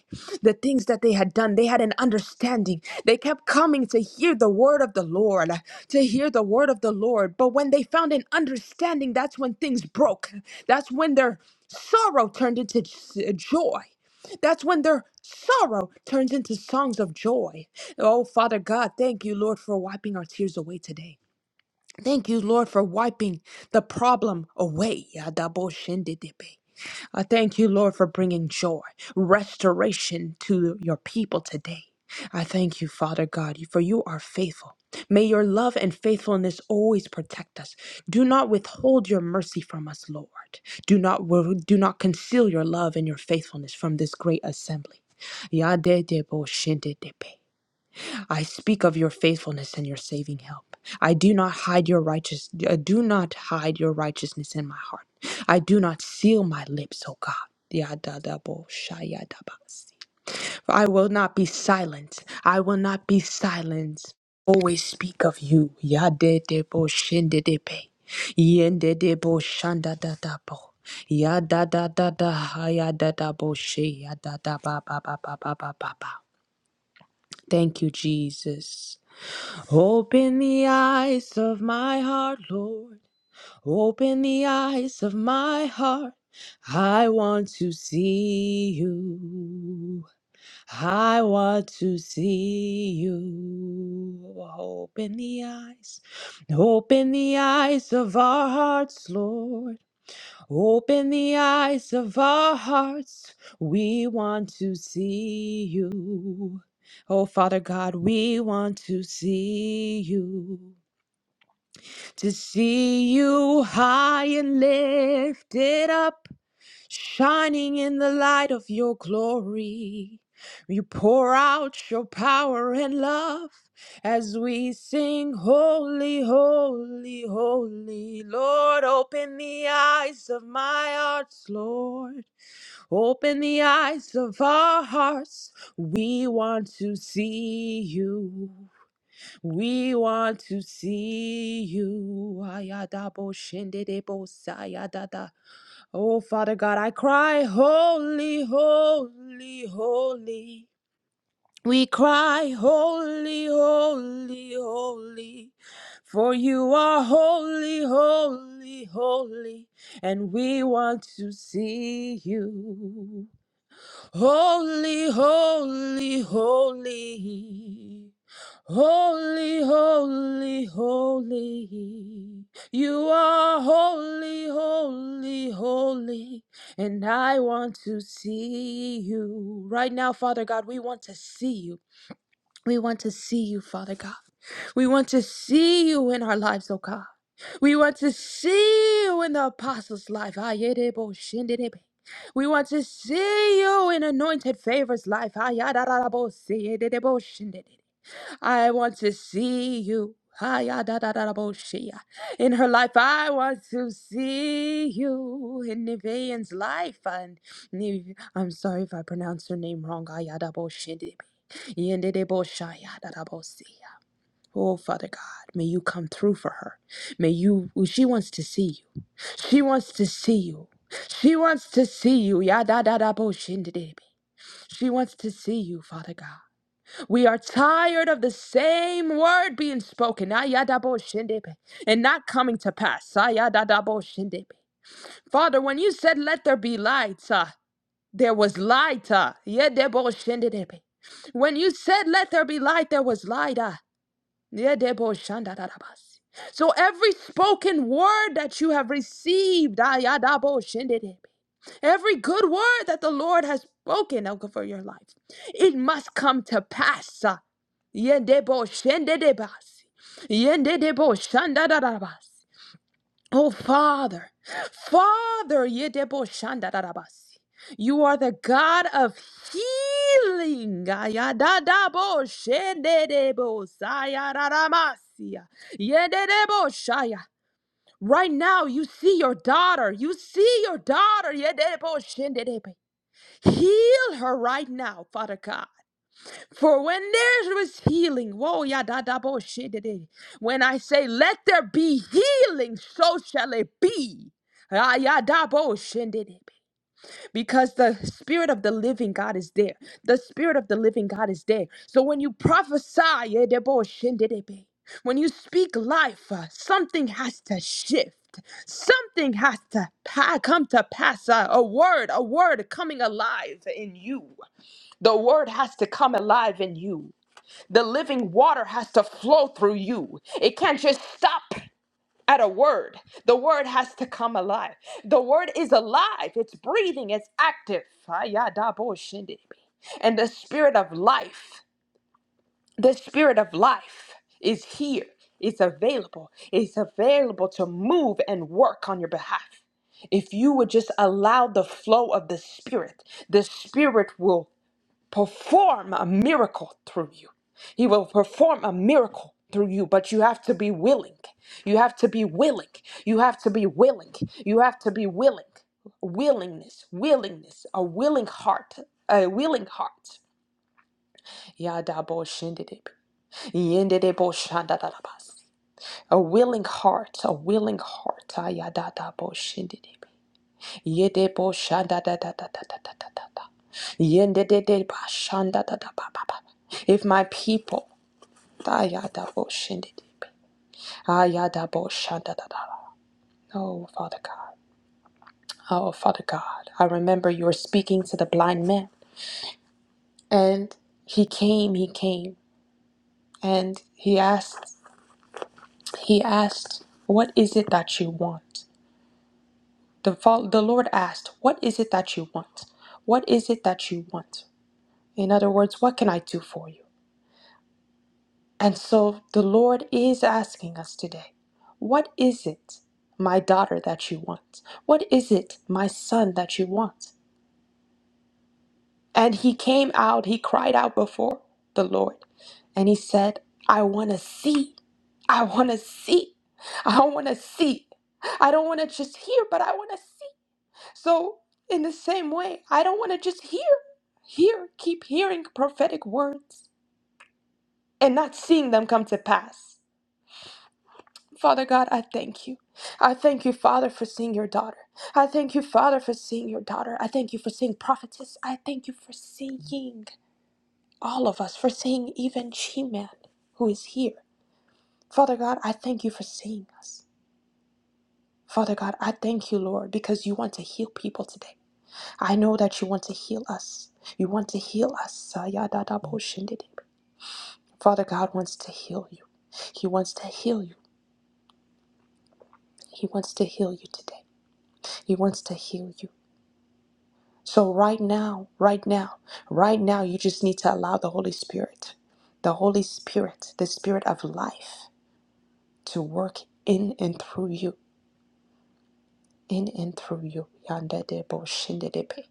[SPEAKER 2] the things that they had done, they had an understanding. They kept coming to hear the word of the Lord, to hear the word of the Lord. But when they found an understanding, that's when things broke. That's when their sorrow turned into j- joy. That's when their sorrow turns into songs of joy. Oh, Father God, thank you, Lord, for wiping our tears away today. Thank you, Lord, for wiping the problem away. Yadaboshindidibe. I thank you, Lord, for bringing joy, restoration to your people today. I thank you, Father God, for you are faithful. May your love and faithfulness always protect us. Do not withhold your mercy from us, Lord. Do not do not conceal your love and your faithfulness from this great assembly. Yadedeboshindidibe. I speak of your faithfulness and your saving help. I do not hide your righteous I do not hide your righteousness in my heart. I do not seal my lips, O God. Yadadaboshayadabasi. For I will not be silent. I will not be silent. Always speak of you. Yadedeboshindedepe. Yendedeboshandadadabo. Yadadadadahayadadaboshe. Yadadababababababa. Thank you, Jesus. Open the eyes of my heart, Lord. Open the eyes of my heart. I want to see you. I want to see you. Open the eyes. Open the eyes of our hearts, Lord. Open the eyes of our hearts. We want to see you. Oh, Father God, we want to see you to see you high and lifted up, shining in the light of your glory. You pour out your power and love as we sing, Holy, Holy, Holy. Lord, open the eyes of my hearts, Lord. Open the eyes of our hearts. We want to see you. We want to see you. Ayadabo shendedebo sayadada. Oh, Father God, I cry, holy, holy, holy. We cry, holy, holy, holy. For you are holy, holy, holy. And we want to see you. Holy, holy, holy. Holy, holy, holy. You are holy, holy, holy. And I want to see you. Right now, Father God, we want to see you. We want to see you, Father God. We want to see you in our lives, oh God. We want to see you in the apostles' life. Ayedebo shendedebe. We want to see you in anointed favors life. Ayadadadabo seyedebo shendedebe. I want to see you. Ayadadadabo sheya. In her life, I want to see you in Nivean's life. And Niv- I'm sorry if I pronounce her name wrong. Ayadabo shendedebe. Yendedebo shayadadabo seya. Oh, Father God, may you come through for her. May you, she wants to see you. She wants to see you. She wants to see you. Yada She wants to see you, Father God. We are tired of the same word being spoken ah, yada and not coming to pass. ah, yada Father, when you said, Let there be light, ah, there was light. ah, yede When you said, Let there be light, there was light. ah. Yedebo shandarabasi. So every spoken word that you have received, ayadabo shendedebe, every good word that the Lord has spoken over your life, it must come to pass. Yendebo shendedebasi. Yendedebo shandarabasi. Oh, Father, Father, Yedebo shanda darabasi. you are the God of healing. Ayadadaboshendedebosayararamasia. shaya. Right now, you see your daughter. You see your daughter. Yedeboshendedebe. Heal her right now, Father God. For when there was healing, whoa, yeah, da, da, bo, shit, da, da. when I say, let there be healing, so shall it be. Ah, yeah, da, bo, shin, da, da, Because the spirit of the living God is there. The spirit of the living God is there. So when you prophesy, yeah, da, bo, shin, da, da, be. when you speak life, uh, something has to shift. Something has to pa- come to pass. Uh, a word, a word coming alive in you. The word has to come alive in you. The living water has to flow through you. It can't just stop at a word. The word has to come alive. The word is alive, it's breathing, it's active. Ayadaboshindibi. And the spirit of life, the spirit of life is here, it's available, it's available to move and work on your behalf. If you would just allow the flow of the spirit, the spirit will perform a miracle through you. He will perform a miracle through you, but you have to be willing. You have to be willing. You have to be willing. You have to be willing. Willingness, willingness, a willing heart, a willing heart. Yadabo shindidibi. Yendidebo shandadadabas. A willing heart, a willing heart. Ayadadabo shindidibi. Yede bo shanda da da da da da da da da da. Yende de de ba shanda da da ba ba ba. If my people, da ya da bo shende de. Ah ya da bo shanda da da. da. Oh Father God, oh Father God, I remember you were speaking to the blind man, and he came, he came, and he asked, he asked, what is it that you want? The fa- the Lord asked, what is it that you want? What is it that you want? In other words, what can I do for you? And so the Lord is asking us today what is it, my daughter, that you want? What is it, my son, that you want? And he came out, he cried out before the Lord, and he said, I want to see. I want to see. I want to see. I don't want to just hear, but I want to see. So, in the same way, I don't want to just hear, hear, keep hearing prophetic words and not seeing them come to pass. Father God, I thank you. I thank you, Father, for seeing your daughter. I thank you, Father, for seeing your daughter. I thank you for seeing prophetess. I thank you for seeing all of us, for seeing even She-Man who is here. Father God, I thank you for seeing us. Father God, I thank you, Lord, because you want to heal people today. I know that you want to heal us. You want to heal us. Sayadadaboshendidib. Father God wants to heal you. He wants to heal you. He wants to heal you today. He wants to heal you. So, right now, right now, right now, you just need to allow the Holy Spirit, the Holy Spirit, the Spirit of life, to work in and through you, in and through you. Yanda de bo shinde de pe.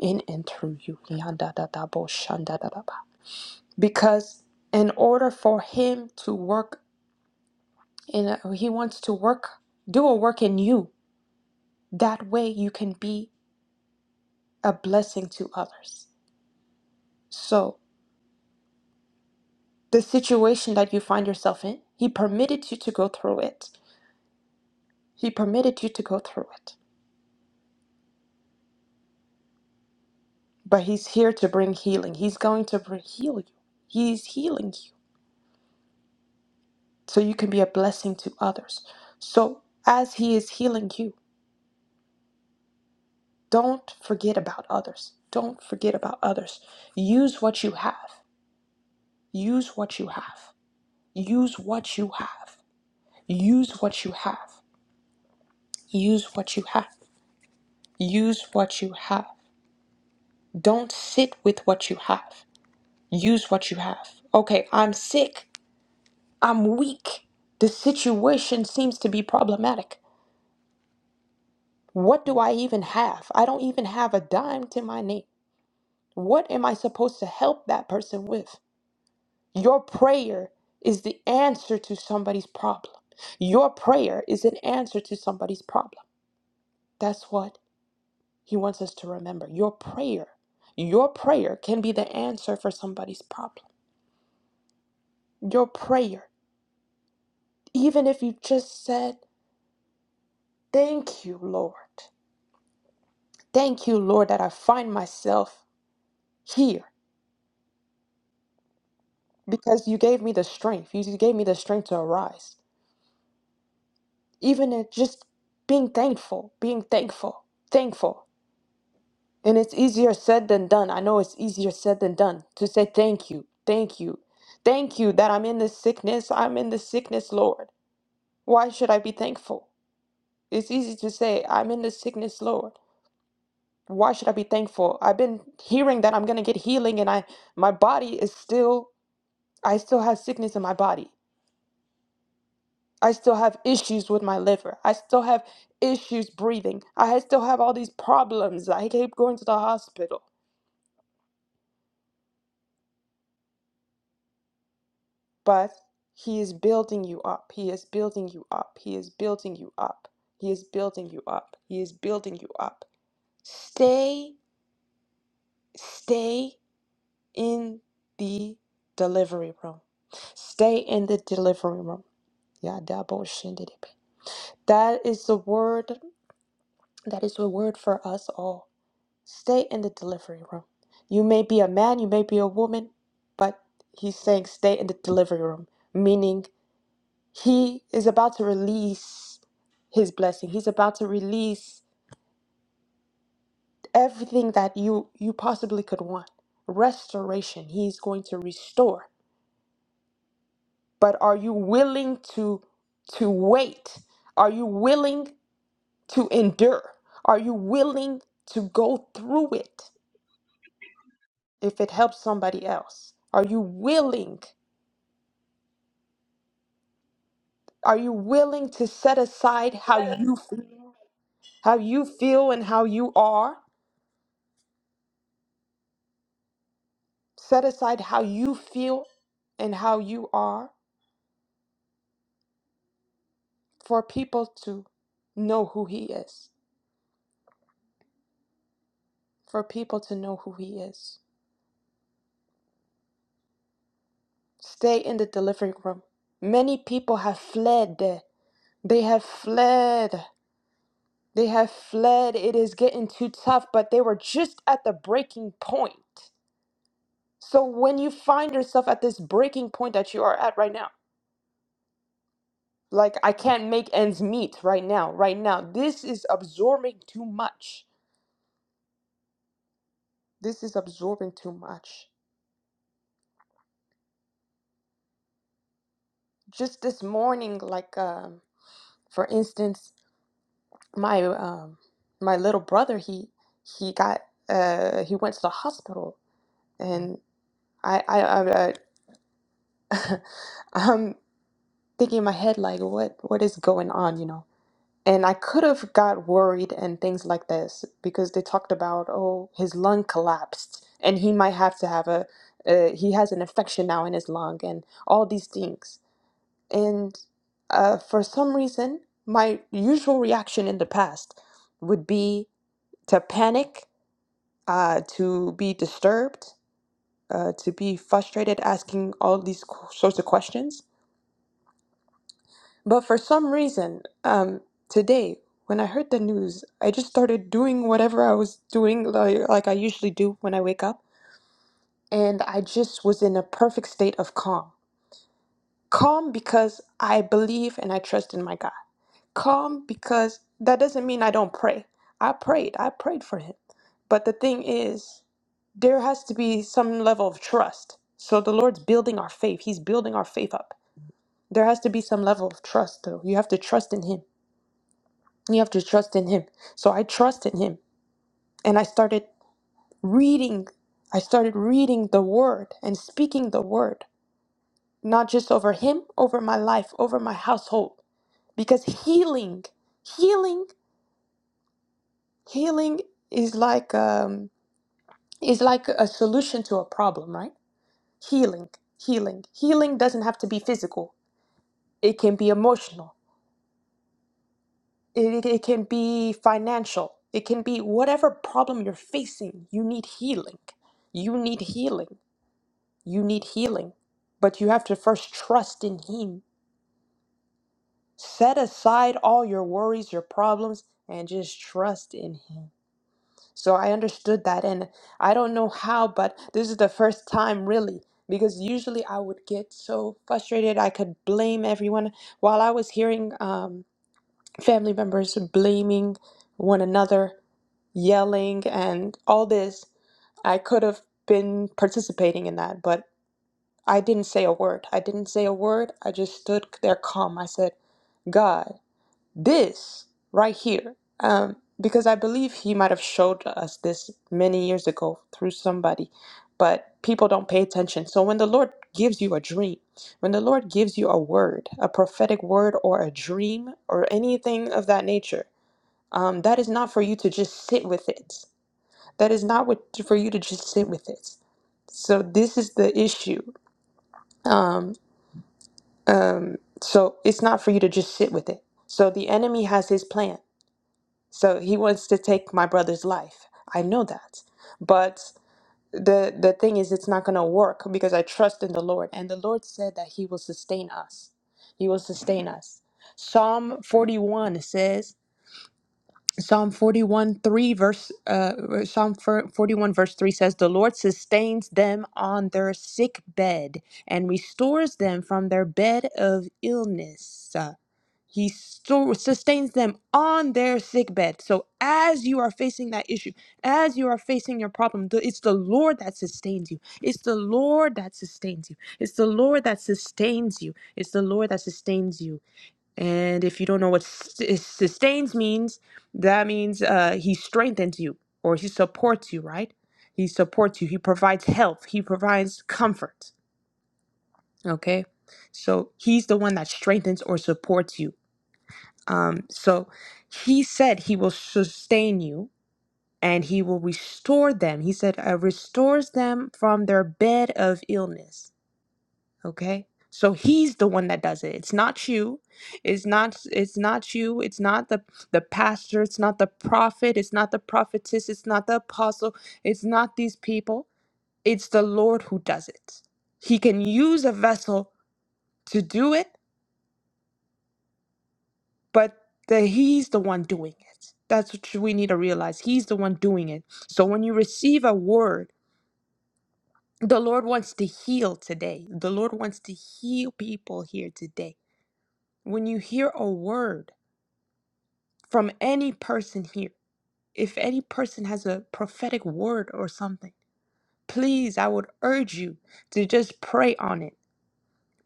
[SPEAKER 2] In and through you. Yanda da da bo shanda da da ba. Because in order for Him to work, in He wants to work, do a work in you. That way, you can be a blessing to others. So. the situation that you find yourself in. He permitted you to go through it. He permitted you to go through it. But He's here to bring healing. He's going to bring, heal you. He's healing you so you can be a blessing to others. So, as He is healing you, don't forget about others. Don't forget about others. Use what you have. Use what you have. Use what you have. Use what you have. Use what you have. Use what you have. Don't sit with what you have. Use what you have. Okay, I'm sick. I'm weak. The situation seems to be problematic. What do I even have? I don't even have a dime to my name. What am I supposed to help that person with? Your prayer is the answer to somebody's problem. Your prayer is an answer to somebody's problem. That's what he wants us to remember. Your prayer, your prayer can be the answer for somebody's problem. Your prayer, even if you just said, Thank you, Lord. Thank you, Lord, that I find myself here because you gave me the strength. You you gave me the strength to arise. Even in just being thankful, being thankful, thankful. And it's easier said than done. I know it's easier said than done to say thank you, thank you, thank you that I'm in this sickness. I'm in this sickness, Lord. Why should I be thankful? It's easy to say, I'm in this sickness, Lord. why should I be thankful? I've been hearing that I'm going to get healing and I my body is still I still have sickness in my body. I still have issues with my liver. I still have issues breathing. I still have all these problems. I keep going to the hospital. But he is building you up. He is building you up. He is building you up. He is building you up. He is building you up. Stay stay in the delivery room. Stay in the delivery room Yadaboshindidibi. That is the word. That is the word for us all. Stay in the delivery room. You may be a man, you may be a woman, but he's saying stay in the delivery room, meaning he is about to release his blessing. He's about to release everything that you you possibly could want. Restoration. He's going to restore. But are you willing to to wait? Are you willing to endure? Are you willing to go through it if it helps somebody else? Are you willing? Are you willing to set aside how you feel, how you feel and how you are? Set aside how you feel and how you are for people to know who he is. For people to know who he is. Stay in the delivery room. Many people have fled. They have fled. They have fled. It is getting too tough, but they were just at the breaking point. So when you find yourself at this breaking point that you are at right now, like I can't make ends meet right now, right now, this is absorbing too much. This is absorbing too much. Just this morning, like um, for instance, my um, my little brother, he he got uh, he went to the hospital, and I I I, I *laughs* I'm thinking in my head like what what is going on you know and i could have got worried and things like this because they talked about oh his lung collapsed and he might have to have a uh, he has an infection now in his lung and all these things and uh, for some reason my usual reaction in the past would be to panic uh, to be disturbed uh, to be frustrated asking all these qu- sorts of questions But for some reason, um, today, when I heard the news, I just started doing whatever I was doing, like, like I usually do when I wake up. And I just was in a perfect state of calm. Calm because I believe and I trust in my God. Calm because that doesn't mean I don't pray. I prayed, I prayed for him. But the thing is, there has to be some level of trust. So the Lord's building our faith. He's building our faith up. There has to be some level of trust, though. You have to trust in Him. You have to trust in him. So I trust in him and I started reading. I started reading the word and speaking the word, not just over him, over my life, over my household. Because healing, healing, healing is like um is like a solution to a problem, right? Healing, healing. Healing doesn't have to be physical. It can be emotional. It, it can be financial. It can be whatever problem you're facing. You need healing. You need healing. You need healing. But you have to first trust in Him. Set aside all your worries, your problems, and just trust in Him. So I understood that. And I don't know how, but this is the first time really. Because usually I would get so frustrated, I could blame everyone. While I was hearing, um, family members blaming one another, yelling, and all this. I could have been participating in that, but I didn't say a word. I didn't say a word. I just stood there calm. I said, God this right here um because i believe he might have showed us this many years ago through somebody but people don't pay attention so when the lord gives you a dream when the lord gives you a word a prophetic word or a dream or anything of that nature um, that is not for you to just sit with it that is not what for you to just sit with it so this is the issue um, um, so it's not for you to just sit with it so the enemy has his plan So he wants to take my brother's life. I know that. But the the thing is it's not going to work because I trust in the Lord and the Lord said that he will sustain us. He will sustain us. Psalm 41 says Psalm 41 3 verse uh Psalm 41 verse 3 says the Lord sustains them on their sick bed and restores them from their bed of illness. He stu- sustains them on their sick bed. So as you are facing that issue, as you are facing your problem, the- it's the Lord that sustains you. It's the Lord that sustains you. It's the Lord that sustains you. It's the Lord that sustains you. And if you don't know what sus- sustains means, that means uh, He strengthens you or He supports you, right? He supports you. He provides help. He provides comfort. Okay. So he's the one that strengthens or supports you um, so he said he will sustain you and he will restore them. He said, uh, restores them from their bed of illness. Okay. So he's the one that does it. It's not you. It's not it's not you. It's not the the pastor. It's not the prophet. It's not the prophetess. It's not the apostle. It's not these people. It's the Lord who does it. He can use a vessel to do it but that he's the one doing it. That's what we need to realize. He's the one doing it. So when you receive a word, the Lord wants to heal today. The Lord wants to heal people here today. When you hear a word from any person here, if any person has a prophetic word or something, please, I would urge you to just pray on it.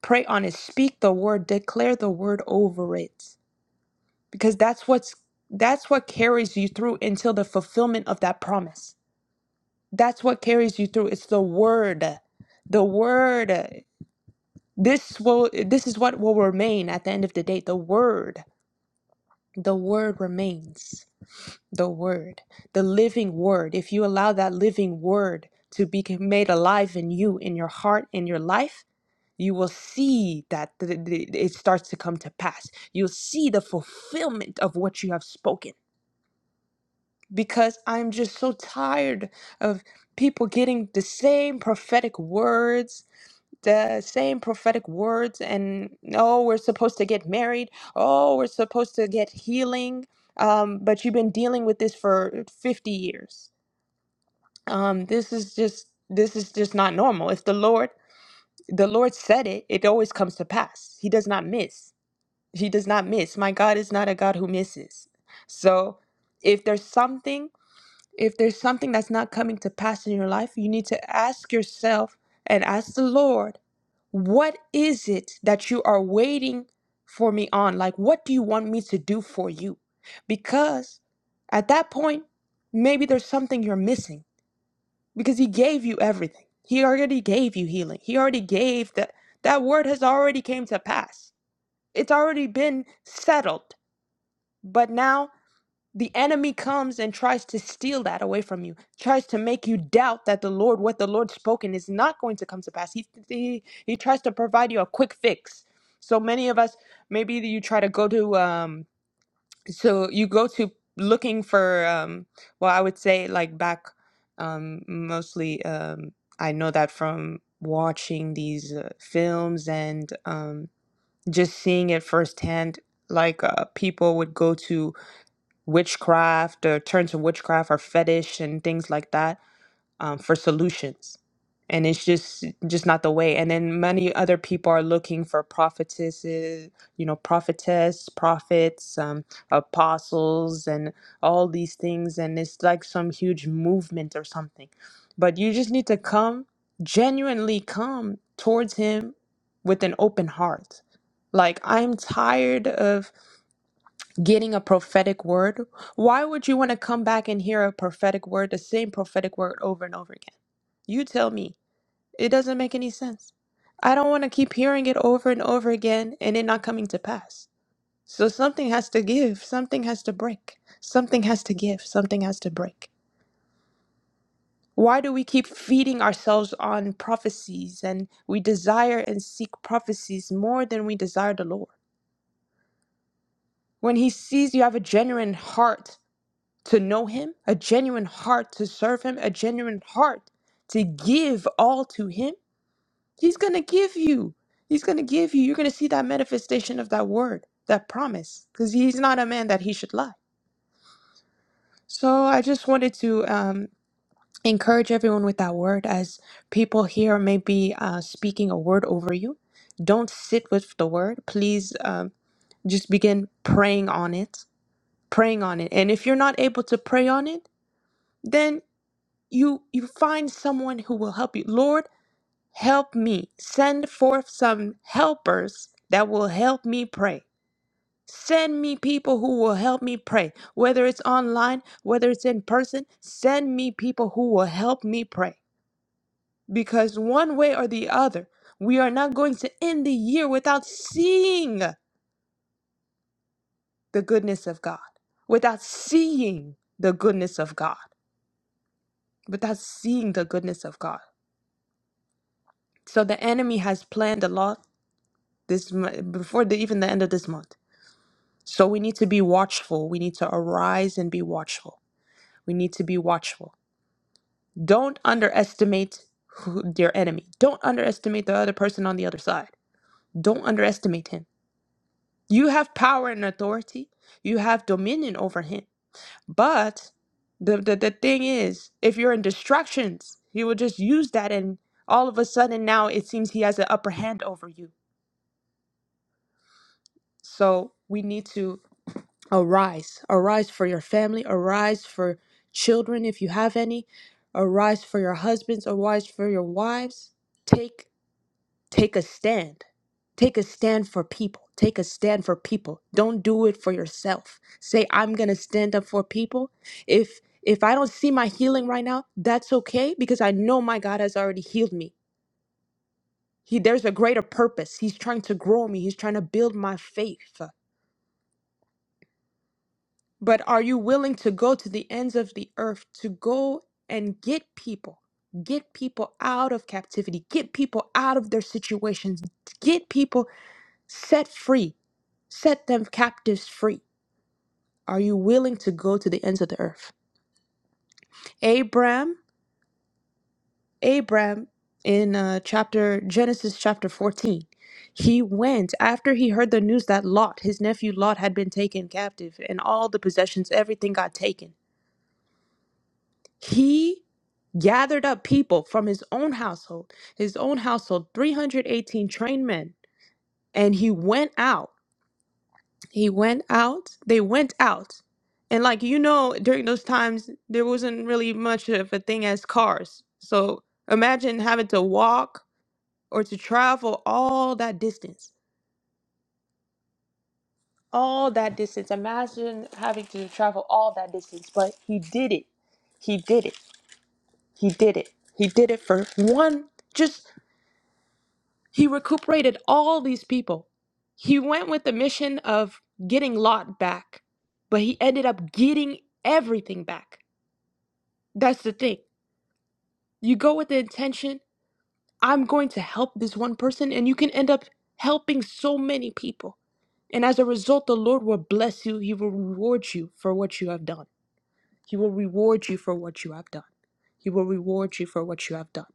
[SPEAKER 2] Pray on it. Speak the word, declare the word over it. because that's what's that's what carries you through until the fulfillment of that promise that's what carries you through it's the word the word this will this is what will remain at the end of the day the word the word remains the word the living word if you allow that living word to be made alive in you in your heart in your life you will see that th- th- it starts to come to pass you'll see the fulfillment of what you have spoken because I'm just so tired of people getting the same prophetic words, the same prophetic words, and oh, we're supposed to get married, oh, we're supposed to get healing, um, but you've been dealing with this for 50 years. Um, this is just this is just not normal. If the Lord the Lord said it, it always comes to pass. He does not miss. He does not miss. My God is not a God who misses. So if there's something if there's something that's not coming to pass in your life, you need to ask yourself and ask the Lord, what is it that you are waiting for me on? Like, what do you want me to do for you? Because at that point, maybe there's something you're missing because He gave you everything. He already gave you healing. He already gave that. That word has already came to pass. It's already been settled. But now the enemy comes and tries to steal that away from you tries to make you doubt that the lord what the lord spoken is not going to come to pass he, he, he tries to provide you a quick fix so many of us maybe you try to go to um so you go to looking for um well i would say like back um mostly um i know that from watching these uh, films and um just seeing it firsthand like uh, people would go to witchcraft or turn to witchcraft or fetish and things like that um, for solutions and it's just just not the way and then many other people are looking for prophetesses you know prophetess prophets um, apostles and all these things and it's like some huge movement or something but you just need to come genuinely come towards him with an open heart like i'm tired of getting a prophetic word, why would you want to come back and hear a prophetic word, the same prophetic word over and over again? You tell me. It doesn't make any sense. I don't want to keep hearing it over and over again and it not coming to pass. So something has to give, something has to break, something has to give, something has to break. Why do we keep feeding ourselves on prophecies and we desire and seek prophecies more than we desire the Lord? When He sees you have a genuine heart to know Him, a genuine heart to serve Him, a genuine heart to give all to Him, He's going to give you. He's going to give you. You're going to see that manifestation of that word, that promise, because He's not a man that He should lie. So I just wanted to um, encourage everyone with that word as people here may be uh, speaking a word over you. Don't sit with the word. Please um, just begin praying on it, praying on it. And if you're not able to pray on it, then. you you find someone who will help you lord help me send forth some helpers that will help me pray send me people who will help me pray whether it's online whether it's in person send me people who will help me pray because one way or the other we are not going to end the year without seeing the goodness of god without seeing the goodness of god without seeing the goodness of god so the enemy has planned a lot this mo- before the, even the end of this month. So we need to be watchful. We need to arise and be watchful. We need to be watchful. Don't underestimate who, your enemy. Don't underestimate the other person on the other side. Don't underestimate him. You have power and authority. You have dominion over him. But the, the, the thing is, if you're in distractions, he will just use that and all of a sudden now it seems he has an upper hand over you. So we need to Arise, arise for your family, arise for children if you have any, arise for your husbands, arise for your wives. Take take a stand. Take a stand for people. Take a stand for people. Don't do it for yourself. Say I'm going to stand up for people. If if I don't see my healing right now, that's okay because I know my God has already healed me. He there's a greater purpose. He's trying to grow me. He's trying to build my faith. But are you willing to go to the ends of the earth to go and get people? Get people out of captivity, get people out of their situations, get people set free, set them captives free. Are you willing to go to the ends of the earth? Abram, Abram in uh, chapter Genesis chapter 14, he went after he heard the news that Lot, his nephew Lot, had been taken captive and all the possessions, everything got taken He gathered up people from his own household, his own household, 318 trained men, and he went out. He went out. They went out. And like you know, during those times there wasn't really much of a thing as cars. So imagine having to walk or to travel all that distance. All that distance. Imagine having to travel all that distance, but he did it. He did it. He did it. He did it for one just He recuperated all these people. He went with the mission of getting Lot back, but he ended up getting everything back. That's the thing. You go with the intention, I'm going to help this one person, and you can end up helping so many people. And as a result, the Lord will bless you. He will reward you for what you have done. He will reward you for what you have done. He will reward you for what you have done.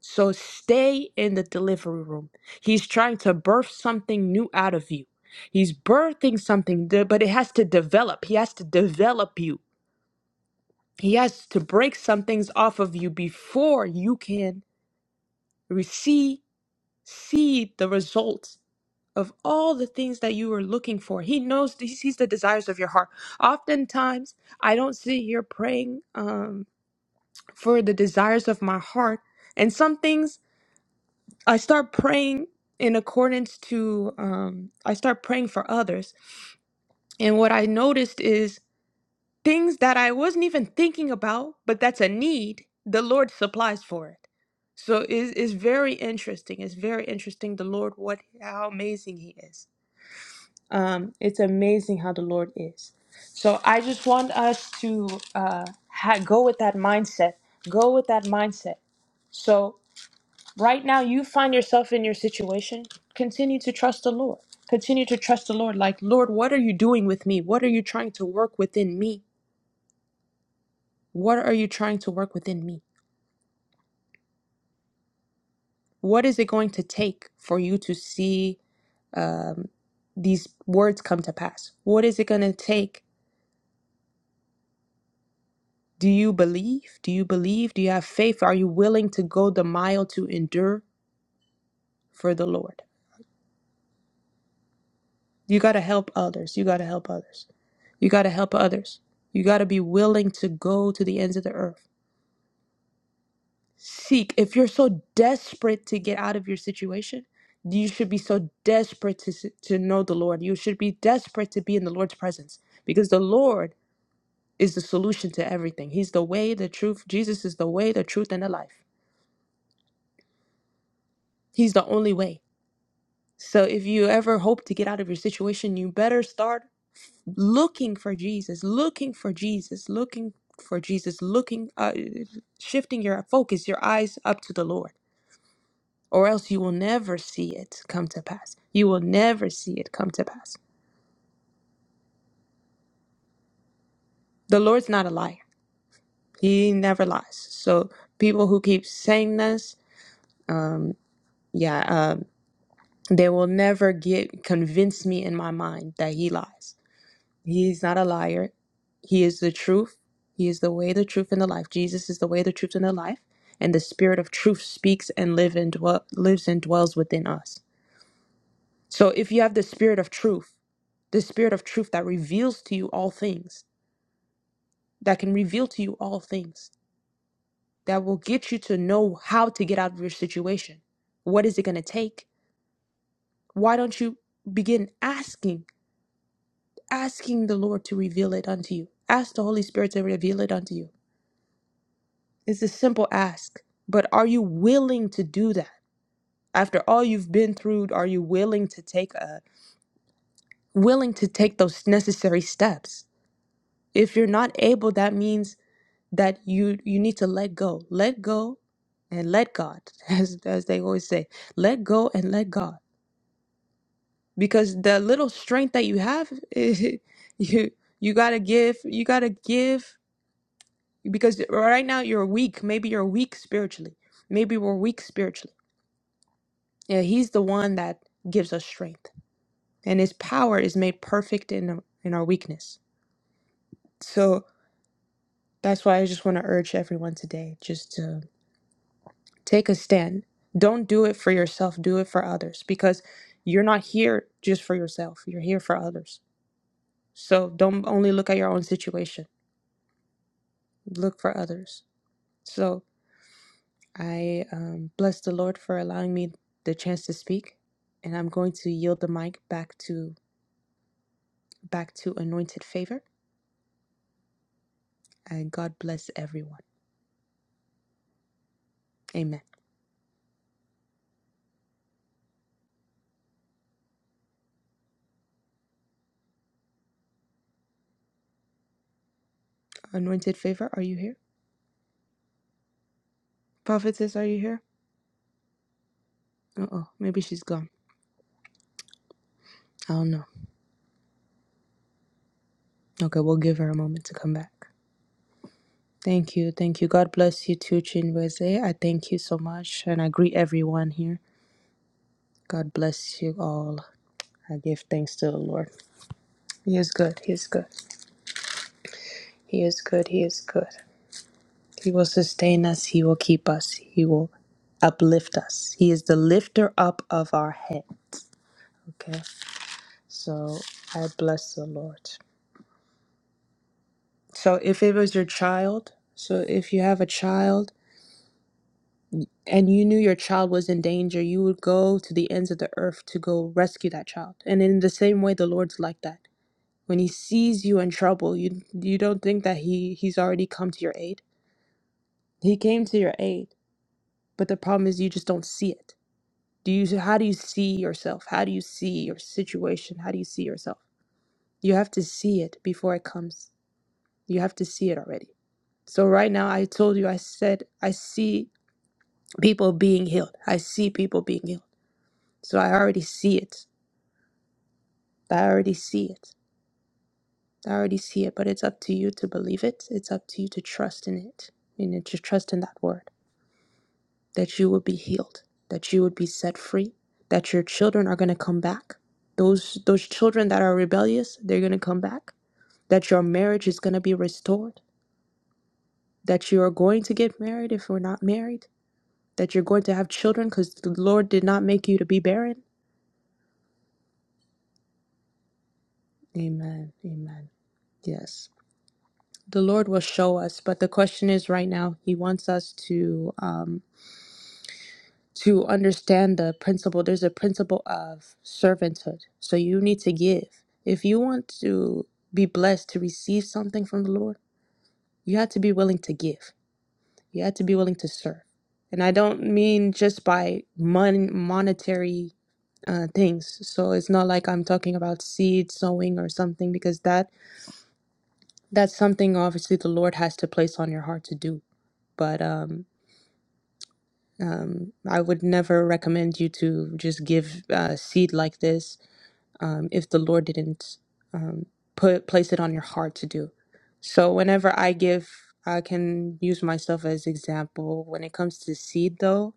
[SPEAKER 2] So stay in the delivery room. He's trying to birth something new out of you. He's birthing something, th- but it has to develop. He has to develop you. He has to break some things off of you before you can receive see the results of all the things that you are looking for. He knows he sees the desires of your heart. Oftentimes, I don't sit here praying um, for the desires of my heart, and some things I start praying in accordance to um I start praying for others. And what I noticed is things that I wasn't even thinking about, but that's a need, the Lord supplies for it. So it is very interesting. It's very interesting the Lord what how amazing he is. Um it's amazing how the Lord is. So I just want us to uh ha- go with that mindset. Go with that mindset. So. Right now, you find yourself in your situation. Continue to trust the Lord. Continue to trust the Lord. Like, Lord, what are you doing with me? What are you trying to work within me? What are you trying to work within me? What is it going to take for you to see um, these words come to pass? What is it going to take? Do you believe? Do you believe? Do you have faith? Are you willing to go the mile to endure for the Lord? You got to help others. You got to help others. You got to help others. You got to be willing to go to the ends of the earth. Seek. If you're so desperate to get out of your situation, you should be so desperate to, s- to know the Lord. You should be desperate to be in the Lord's presence because the Lord is the solution to everything. He's the way, the truth. Jesus is the way, the truth, and the life. He's the only way. So if you ever hope to get out of your situation, you better start. looking for Jesus, looking for Jesus, looking for Jesus, looking, uh, shifting your focus, your eyes up to the Lord, or else you will never see it come to pass. You will never see it come to pass. The Lord's not a liar; He never lies. So people who keep saying this, um, yeah, um, they will never get convince me in my mind that He lies. He is not a liar. He is the truth. He is the way, the truth, and the life. Jesus is the way, the truth, and the life. And the Spirit of truth speaks and live and dwell, lives and dwells within us. So if you have the Spirit of truth, the Spirit of truth that reveals to you all things, that can reveal to you all things, that will get you to know how to get out of your situation. What is it going to take? Why don't you begin asking, asking the Lord to reveal it unto you? Ask the Holy Spirit to reveal it unto you It's a simple ask, but are you willing to do that? After all you've been through, are you willing to take a willing to take those necessary steps? If you're not able, that means that you you need to let go. Let go and let God. *laughs* As as they always say, let go and let God. Because the little strength that you have, *laughs* you you got to give, you got to give because right now you're weak. Maybe you're weak spiritually. Maybe we're weak spiritually Yeah, he's the one that gives us strength, and his power is made perfect in in our weakness. So that's why I just want to urge everyone today just to take a stand. Don't do it for yourself, do it for others because you're not here just for yourself. You're here for others. So don't only look at your own situation. Look for others. So I um, bless the Lord for allowing me the chance to speak, and I'm going to yield the mic back to back to Anointed Favor. and God bless everyone. Amen. Anointed favor, are you here? Prophetess, are you here? Uh oh, maybe she's gone. I don't know. Okay, we'll give her a moment to come back. Thank you, thank you. God bless you too, Chinweze. I thank you so much, and I greet everyone here. God bless you all. I give thanks to the Lord. He is good. He is good. He is good. He is good. He will sustain us. He will keep us. He will uplift us. He is the lifter up of our head. Okay. So I bless the Lord. So if it was your child, so if you have a child and you knew your child was in danger, you would go to the ends of the earth to go rescue that child. And in the same way, the Lord's like that. When He sees you in trouble, you you don't think that He He's already come to your aid. He came to your aid, but the problem is you just don't see it. Do you? How do you see yourself? How do you see your situation? How do you see yourself? You have to see it before it comes. You have to see it already. So right now, I told you, I said, I see people being healed. I see people being healed. So I already see it. I already see it. I already see it. But it's up to you to believe it. It's up to you to trust in it. You need to trust in that word that you will be healed, that you would be set free, that your children are going to come back. Those those children that are rebellious, they're going to come back. That your marriage is going to be restored. That you are going to get married if we're not married that you're going to have children because the Lord did not make you to be barren. Amen. Amen. Yes. The Lord will show us, but the question is right now, He wants us to um, to understand the principle. There's a principle of servanthood. So you need to give. If you want to be blessed to receive something from the Lord, you have to be willing to give. You have to be willing to serve. And I don't mean just by mon- monetary uh, things. So it's not like I'm talking about seed sowing or something because that that's something obviously the Lord has to place on your heart to do. But um, um, I would never recommend you to just give uh, seed like this um, if the Lord didn't um, put place it on your heart to do. So whenever I give, I can use myself as example. When it comes to seed, though,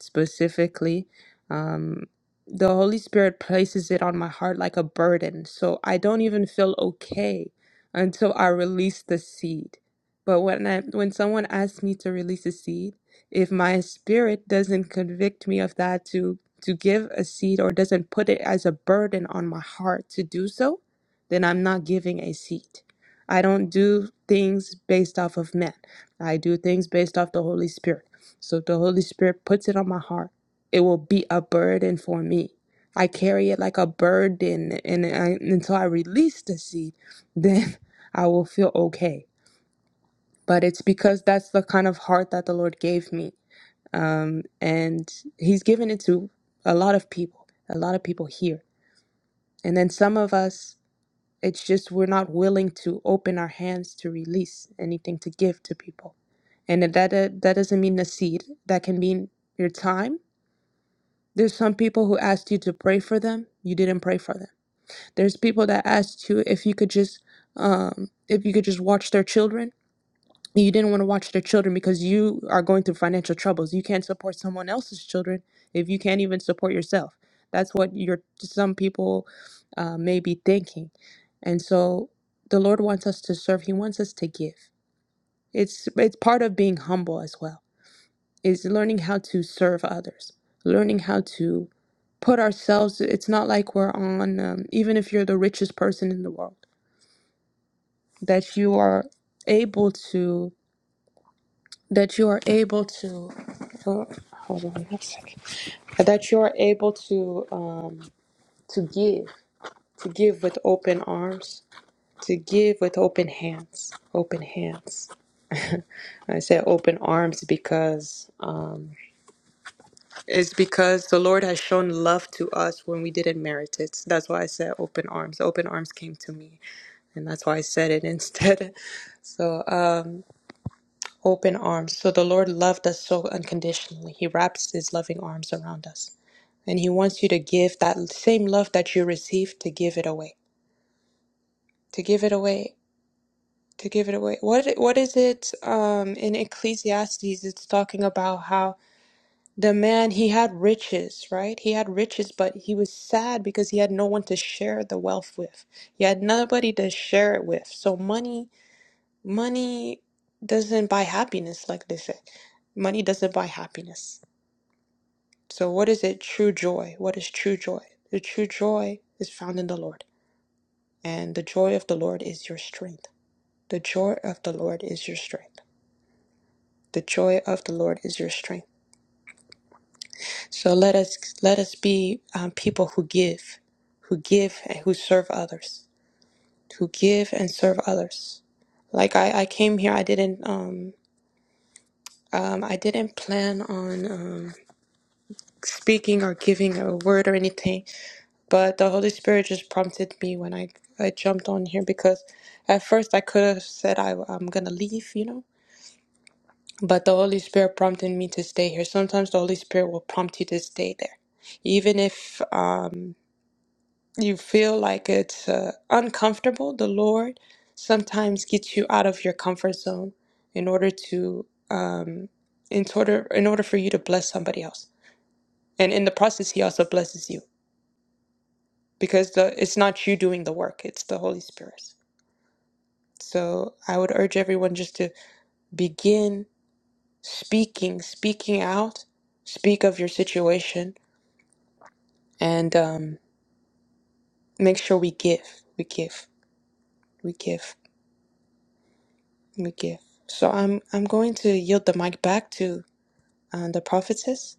[SPEAKER 2] specifically. Um, the Holy Spirit places it on my heart like a burden. So I don't even feel okay until I release the seed. But when I when someone asks me to release a seed, if my spirit doesn't convict me of that to to give a seed or doesn't put it as a burden on my heart to do so, then I'm not giving a seed. I don't do things based off of men. I do things based off the Holy Spirit. So if the Holy Spirit puts it on my heart, it will be a burden for me. I carry it like a burden, and I, until I release the seed, *laughs* then I will feel okay. But it's because that's the kind of heart that the Lord gave me, um, and He's given it to a lot of people, a lot of people here, and then some of us. It's just we're not willing to open our hands to release anything to give to people, and that that doesn't mean the seed. That can mean your time There's some people who asked you to pray for them. You didn't pray for them. There's people that asked you if you could just um, if you could just watch their children. You didn't want to watch their children because you are going through financial troubles. You can't support someone else's children if you can't even support yourself. That's what your some people uh, may be thinking, and so the Lord wants us to serve. He wants us to give. It's it's part of being humble as well. Is learning how to serve others, learning how to put ourselves it's not like we're on um, even if you're the richest person in the world that you are able to that you are able to oh, hold on a second that you are able to um, to give to give with open arms to give with open hands open hands i say open arms because um, it's because the lord has shown love to us when we didn't merit it that's why i said open arms open arms came to me and that's why I said it instead. *laughs* So, um, open arms. So the Lord loved us so unconditionally. He wraps His loving arms around us, and He wants you to give that same love that you received to give it away. To give it away. To give it away. What What is it? Um, in Ecclesiastes, it's talking about how the man he had riches, right? He had riches, but he was sad because he had no one to share the wealth with. He had nobody to share it with. So money Money doesn't buy happiness, like they said. Money doesn't buy happiness. So, what is it? True joy. What is true joy? The true joy is found in the Lord. And the joy of the Lord is your strength. The joy of the Lord is your strength. The joy of the Lord is your strength. So let us let us be um, people who give, who give and who serve others, who give and serve others. Like I, I came here, I didn't um, um, I didn't plan on. Um, speaking or giving a word or anything, but the Holy Spirit just prompted me when I, I jumped on here because at first I could have said I, I'm gonna leave, you know, but the Holy Spirit prompted me to stay here. Sometimes the Holy Spirit will prompt you to stay there, even if um, you feel like it's uh, uncomfortable. The Lord sometimes gets you out of your comfort zone in order to um, in order in order for you to bless somebody else, and in the process, He also blesses you. because the it's not you doing the work, it's the Holy Spirit. So I would urge everyone just to begin speaking, speaking out, speak of your situation, and um, make sure we give, we give, we give, we give. So I'm I'm going to yield the mic back to uh, the prophetess.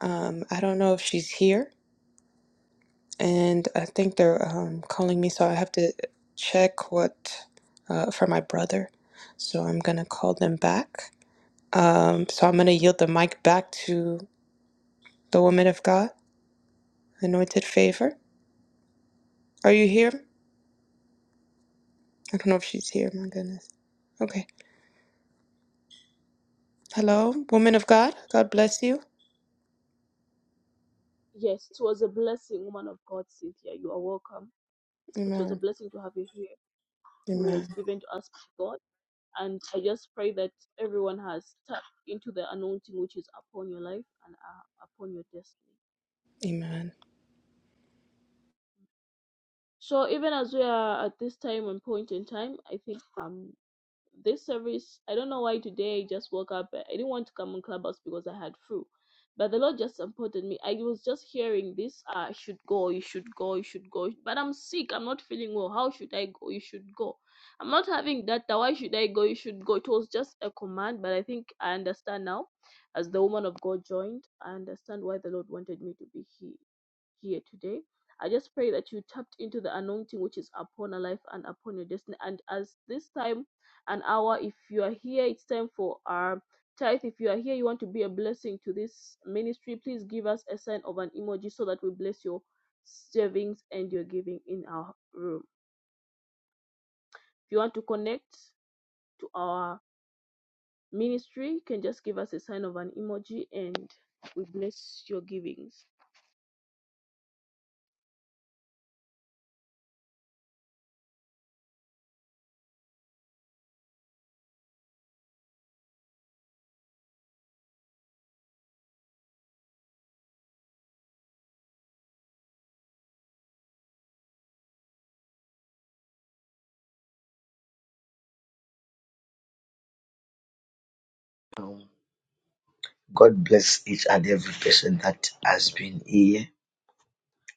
[SPEAKER 2] Um, I don't know if she's here, and I think they're um, calling me, so I have to check what uh, for my brother. So I'm gonna call them back. Um, so I'm going to yield the mic back to the woman of God, anointed favor. Are you here? I don't know if she's here. My goodness. Okay. Hello, woman of God. God bless you. Amen. Amen. Amen.
[SPEAKER 4] God bless each and every person that has been here.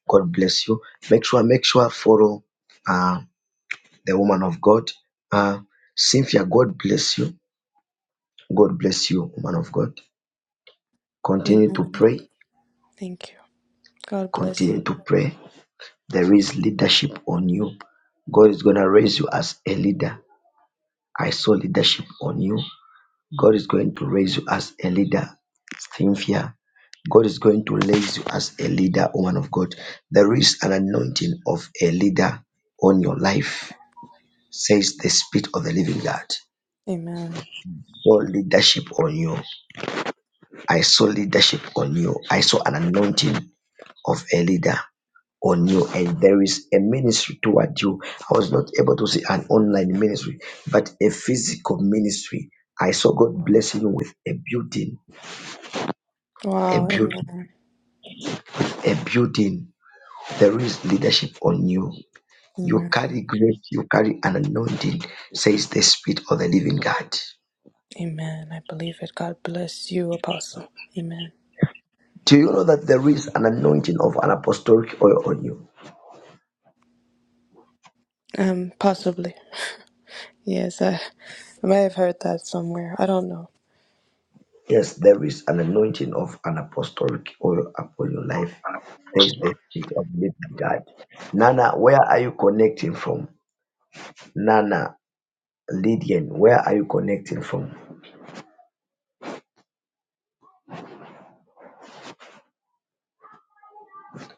[SPEAKER 4] God bless you. Make sure, make sure follow uh, the woman of God. Uh, Cynthia, God bless you. God bless you, woman of God. Continue
[SPEAKER 2] Amen.
[SPEAKER 4] to pray.
[SPEAKER 2] Thank you. God bless you.
[SPEAKER 4] Continue to pray. There is leadership on you. God is gonna raise you as a leader. I saw leadership on you. God is going to raise you as a leader. Cynthia, God is going to raise you as a leader, woman of God. There is an anointing of a leader on your life, says the Spirit of the living God.
[SPEAKER 2] Amen.
[SPEAKER 4] Saw leadership on you. I saw leadership on you. I saw an anointing of a leader on you and there is a ministry toward you. I was not able to see an online ministry, but a physical ministry. I saw God blessing you with a building, a
[SPEAKER 2] Wow.
[SPEAKER 4] building.
[SPEAKER 2] Amen.
[SPEAKER 4] a building, there is leadership on you. You
[SPEAKER 2] Amen.
[SPEAKER 4] carry grace, you carry an anointing, says the Spirit of the living God.
[SPEAKER 2] Amen. I believe it. God bless you, Apostle. Amen.
[SPEAKER 4] Do you know that there is an anointing of an apostolic oil on you?
[SPEAKER 2] Um, possibly. Yes, I, I may have heard that somewhere. I don't know.
[SPEAKER 4] Yes, there is an anointing of an apostolic oil upon your life, says the Spirit of the living God. Nana, where are you connecting from? Nana, Lydian, where are you connecting from?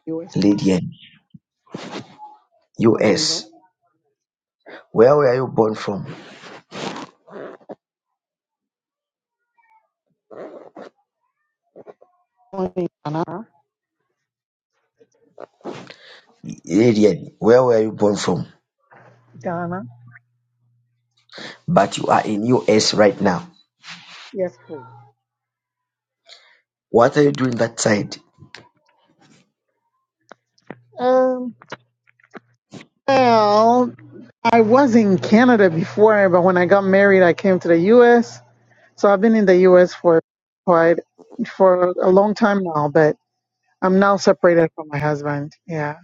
[SPEAKER 5] U.S.
[SPEAKER 4] Lydian, US.
[SPEAKER 5] Camille,
[SPEAKER 4] Where were you born from?
[SPEAKER 5] Donna.
[SPEAKER 4] Lydian, where were you born from?
[SPEAKER 5] Donna.
[SPEAKER 4] but you are in US right now.
[SPEAKER 5] Yes, please.
[SPEAKER 4] What are you doing that side?
[SPEAKER 5] Um, well, I was in Canada before, but when I got married, I came to the U.S. So I've been in the U.S. for quite for a long time now, but I'm now separated from my husband. Yeah,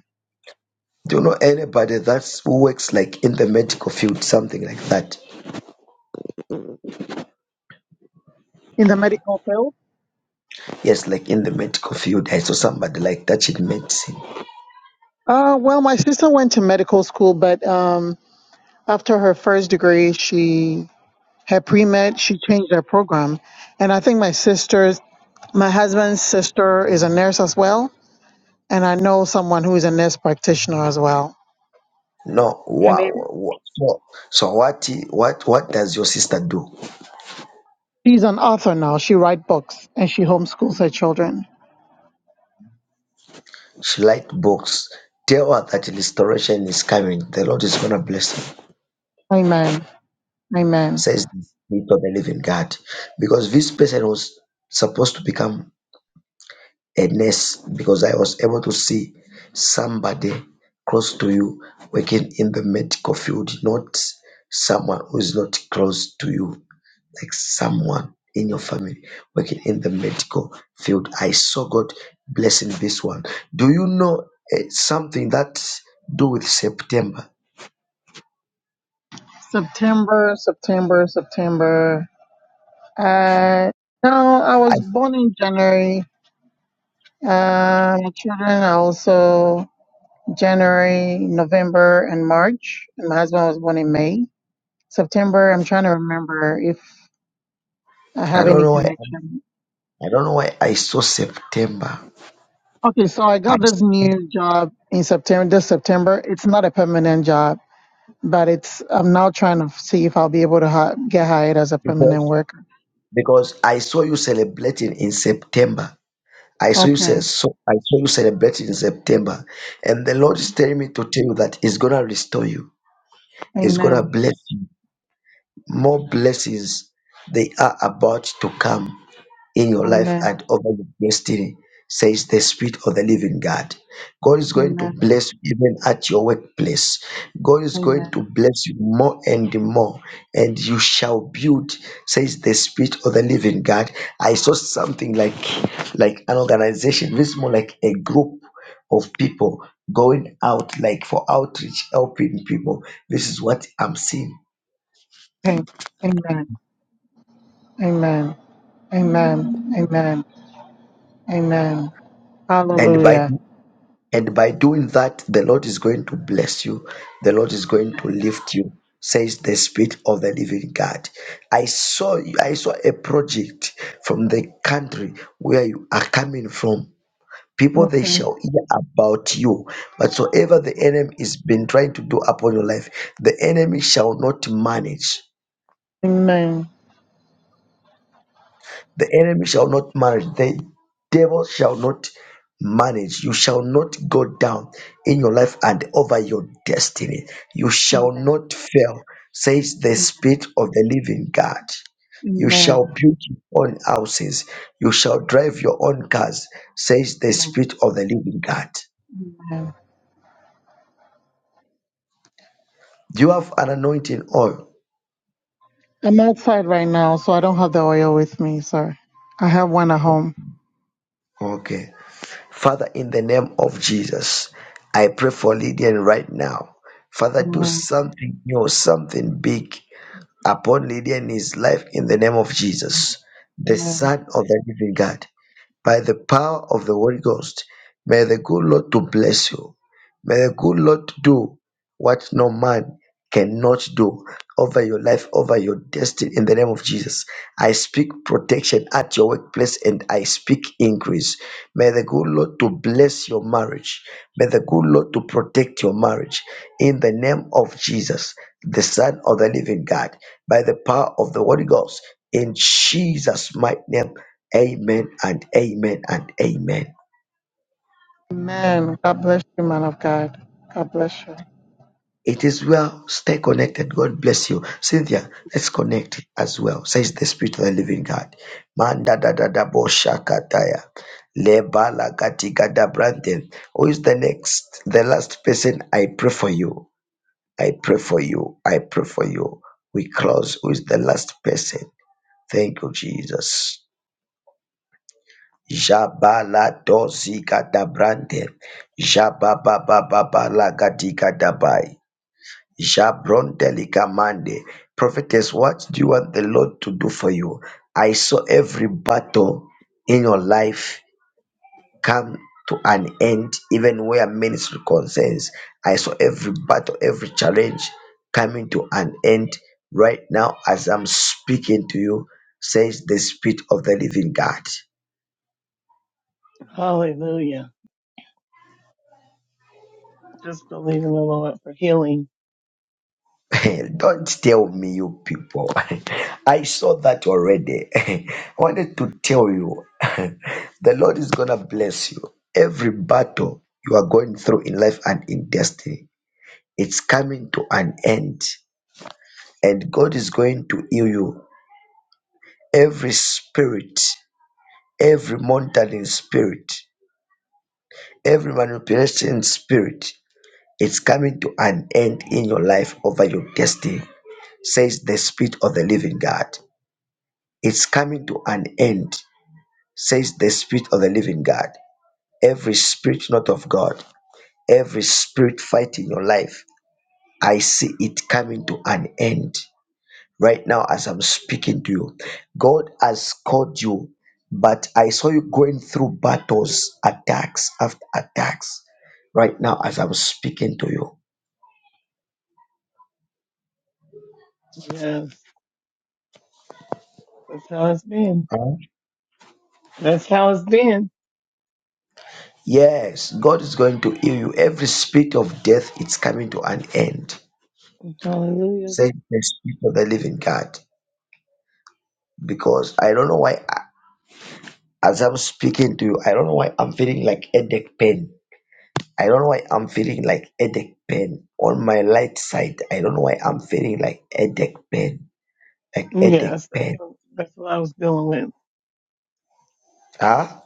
[SPEAKER 4] Do you know anybody that's who works like in the medical field, something like that?
[SPEAKER 5] in the medical field.
[SPEAKER 4] Yes, like in the medical field, I saw somebody like that in medicine.
[SPEAKER 5] Uh, well, my sister went to medical school, but um, after her first degree, she had pre med. She changed her program, and I think my sister My husband's sister is a nurse as well, and I know someone who is a nurse practitioner as well.
[SPEAKER 4] No,
[SPEAKER 5] Her
[SPEAKER 4] wow,
[SPEAKER 5] name.
[SPEAKER 4] wow. So, so what? What? What does your sister do?
[SPEAKER 5] She's an author now. She writes books and she homeschools her children.
[SPEAKER 4] She likes books. Tell her that restoration is coming. The Lord is gonna bless her.
[SPEAKER 5] Amen. Amen.
[SPEAKER 4] Says the Spirit of the Living God, because this person was supposed to become a nurse because I was able to see somebody close to you working in the medical field, not someone who is not close to you, like someone in your family working in the medical field. I saw God blessing this one. Do you know eh, something that do with September?
[SPEAKER 5] September, September, September. Uh, no, I
[SPEAKER 4] I,
[SPEAKER 5] was born in January. Uh, my children are also January, November, and March. And my husband was born in May. September, I'm trying to remember if I
[SPEAKER 4] I
[SPEAKER 5] have
[SPEAKER 4] don't
[SPEAKER 5] any
[SPEAKER 4] know why
[SPEAKER 5] connection.
[SPEAKER 4] I don't know why I saw September.
[SPEAKER 5] Okay, so I got
[SPEAKER 4] And
[SPEAKER 5] this new job in September, this September. It's not a permanent job, but it's, I'm now trying to see if I'll be able to hi- get hired as a permanent
[SPEAKER 4] because
[SPEAKER 5] worker.
[SPEAKER 4] because I saw you celebrating in September I saw you say
[SPEAKER 5] Okay.
[SPEAKER 4] so I saw you celebrating in September, and the Lord is telling me to tell you that He's gonna restore you, He's gonna
[SPEAKER 5] Amen.
[SPEAKER 4] bless you. More blessings they are about to come in your life
[SPEAKER 5] Amen.
[SPEAKER 4] and over your destiny, says the Spirit of the Living God. God is going to
[SPEAKER 5] Amen.
[SPEAKER 4] bless you even at your workplace. God is
[SPEAKER 5] Amen.
[SPEAKER 4] going to bless you more and more, and you shall build, says the Spirit of the Living God. I saw something like like an organization, this is more like a group of people going out like for outreach, helping people. This is what I'm seeing.
[SPEAKER 5] Amen. Amen. Amen. Amen. Amen. Amen.
[SPEAKER 4] And by
[SPEAKER 5] Hallelujah.
[SPEAKER 4] And by doing that, the Lord is going to bless you. The Lord is going to lift you, says the Spirit of the Living God. I saw I saw a project from the country where you are coming from. People they
[SPEAKER 5] Okay.
[SPEAKER 4] shall hear about you. Whatsoever the enemy has been trying to do upon your life, the enemy shall not manage.
[SPEAKER 5] Amen.
[SPEAKER 4] The enemy shall not manage. The devil shall not manage. You shall not go down in your life and over your destiny. You shall
[SPEAKER 5] Amen.
[SPEAKER 4] not fail, says the Spirit of the living God. You
[SPEAKER 5] Amen.
[SPEAKER 4] shall build your own houses. You shall drive your own cars, says the
[SPEAKER 5] Amen.
[SPEAKER 4] Spirit of the living God.
[SPEAKER 5] Amen.
[SPEAKER 4] Do you have an anointing oil?
[SPEAKER 5] I'm outside right now, so I don't have the oil with me. Sorry. I have one at home.
[SPEAKER 4] Okay. Father, in the name of Jesus, I pray for Lydian right now. Father, do
[SPEAKER 5] Amen.
[SPEAKER 4] something new, something big upon Lydian in his life in the name of Jesus, the Son of the living God by the power of the Holy Ghost. May the good Lord to bless you. May the good Lord do what no man cannot do over your life, over your destiny. In the name of Jesus, I speak protection at your workplace and I speak increase. May the good Lord to bless your marriage. May the good Lord to protect your marriage. In the name of Jesus, the Son of the Living God, by the power of the Holy Ghost, in Jesus' mighty name. Amen and amen and amen.
[SPEAKER 5] Amen. God bless you, man of God. God bless you.
[SPEAKER 4] It is well. Stay connected. God bless you. Cynthia, let's connect as well. Says the Spirit of the Living God. Manda da da da bo shakataya. Lebala katika da branden. Who is the next, the last person? I pray for you. I pray for you. I pray for you. We close. Who is the last person? Thank you, Jesus. Jabaladosi katabrande. Jabababababalagadikadabai. Jabrondelicamande. Prophetess, what do you want the Lord to do for you? I saw every battle in your life come to an end, even where ministry concerns. I saw every battle, every challenge coming to an end right now as I'm speaking to you, says the Spirit of the Living God.
[SPEAKER 6] Hallelujah. Just believe in the Lord for healing.
[SPEAKER 4] *laughs* Don't tell me, you people. *laughs* I saw that already. *laughs* I wanted to tell you *laughs* the Lord is going to bless you. Every battle you are going through in life and in destiny, it's coming to an end. And God is going to heal you. Every spirit, every monitoring spirit, every manipulation spirit, it's coming to an end in your life over your destiny, says the Spirit of the living God. It's coming to an end, says the Spirit of the living God. Every spirit not of God, every spirit fighting your life, I see it coming to an end right now as I'm speaking to you. God has called you, but I saw you going through battles, attacks after attacks right now as I'm speaking to you.
[SPEAKER 6] Yes. That's how it's been.
[SPEAKER 4] Huh?
[SPEAKER 6] That's how it's been.
[SPEAKER 4] Yes, God is going to heal you. Every spirit of death, it's coming to an end.
[SPEAKER 6] Hallelujah.
[SPEAKER 4] says the spirit of the living God. because I don't know why, a- as I'm speaking to you, I don't know why I'm feeling like headache pain. I don't know why I'm feeling like headache pain on my right side. I don't know why I'm feeling like headache pain, like headache
[SPEAKER 6] Yes, that's
[SPEAKER 4] pain.
[SPEAKER 6] what, that's what I was dealing with.
[SPEAKER 4] Ah,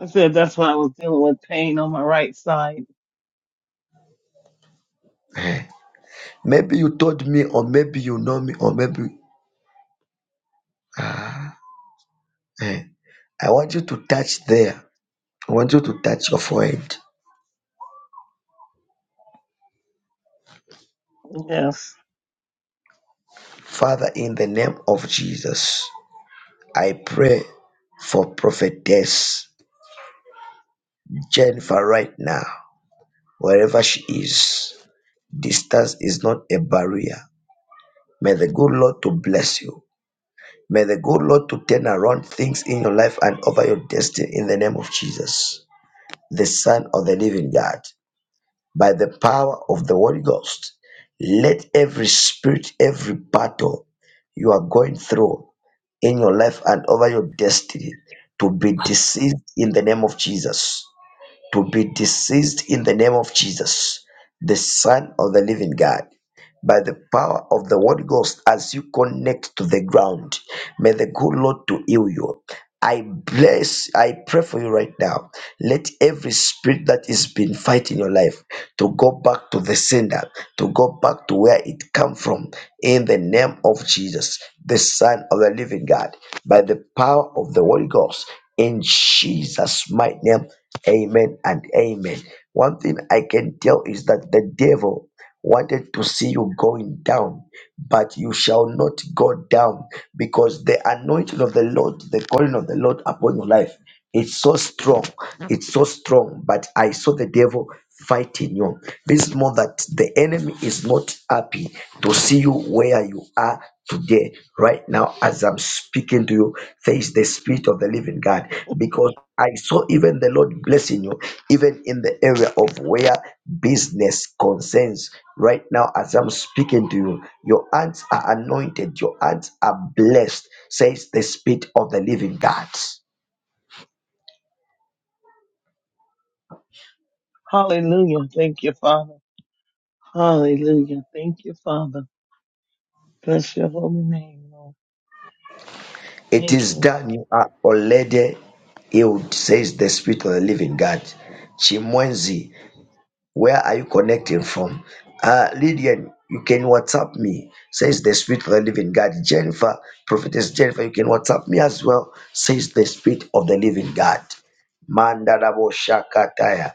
[SPEAKER 6] I said that's what I was dealing with pain on my right side.
[SPEAKER 4] Maybe you told me, or maybe you know me, or maybe. Ah, eh. I want you to touch there. I want you to touch your forehead.
[SPEAKER 6] Yes.
[SPEAKER 4] Father, in the name of Jesus, I pray for prophetess Jennifer right now, wherever she is. Distance is not a barrier. May the good Lord to bless you. May the good Lord to turn around things in your life and over your destiny in the name of Jesus, the Son of the Living God, by the power of the Holy Ghost. Let every spirit, every battle you are going through in your life and over your destiny to be deceived in the name of Jesus to be deceased in the name of Jesus, the Son of the living God. By the power of the Holy Ghost, as you connect to the ground, may the good Lord to heal you. I bless, I pray for you right now. Let every spirit that is been fighting your life to go back to the sender, to go back to where it come from, in the name of Jesus, the Son of the Living God, by the power of the Holy Ghost, in Jesus' mighty name, Amen and Amen. One thing I can tell is that the devil wanted to see you going down, but you shall not go down because the anointing of the Lord, the calling of the Lord upon your life, it's so strong. It's so strong. But I saw the devil fighting you. This is more that the enemy is not happy to see you where you are today. Right now, as I'm speaking to you, there is the spirit of the living God because I saw even the Lord blessing you, even in the area of where business concerns. Right now, as I'm speaking to you, your hands are anointed, your hands are blessed, says the Spirit of the living God.
[SPEAKER 6] Hallelujah. Thank you, Father. Hallelujah. Thank you, Father. Bless your holy name, Lord.
[SPEAKER 4] It
[SPEAKER 6] Thank
[SPEAKER 4] is
[SPEAKER 6] you.
[SPEAKER 4] done, you are already healed, says the Spirit of the living God. Chimwenzi, Where are you connecting from? Uh, Lydian, you can WhatsApp me. Says the Spirit of the Living God. Jennifer, Prophetess Jennifer, you can WhatsApp me as well. Says the Spirit of the Living God. Mandarabo Shakataya.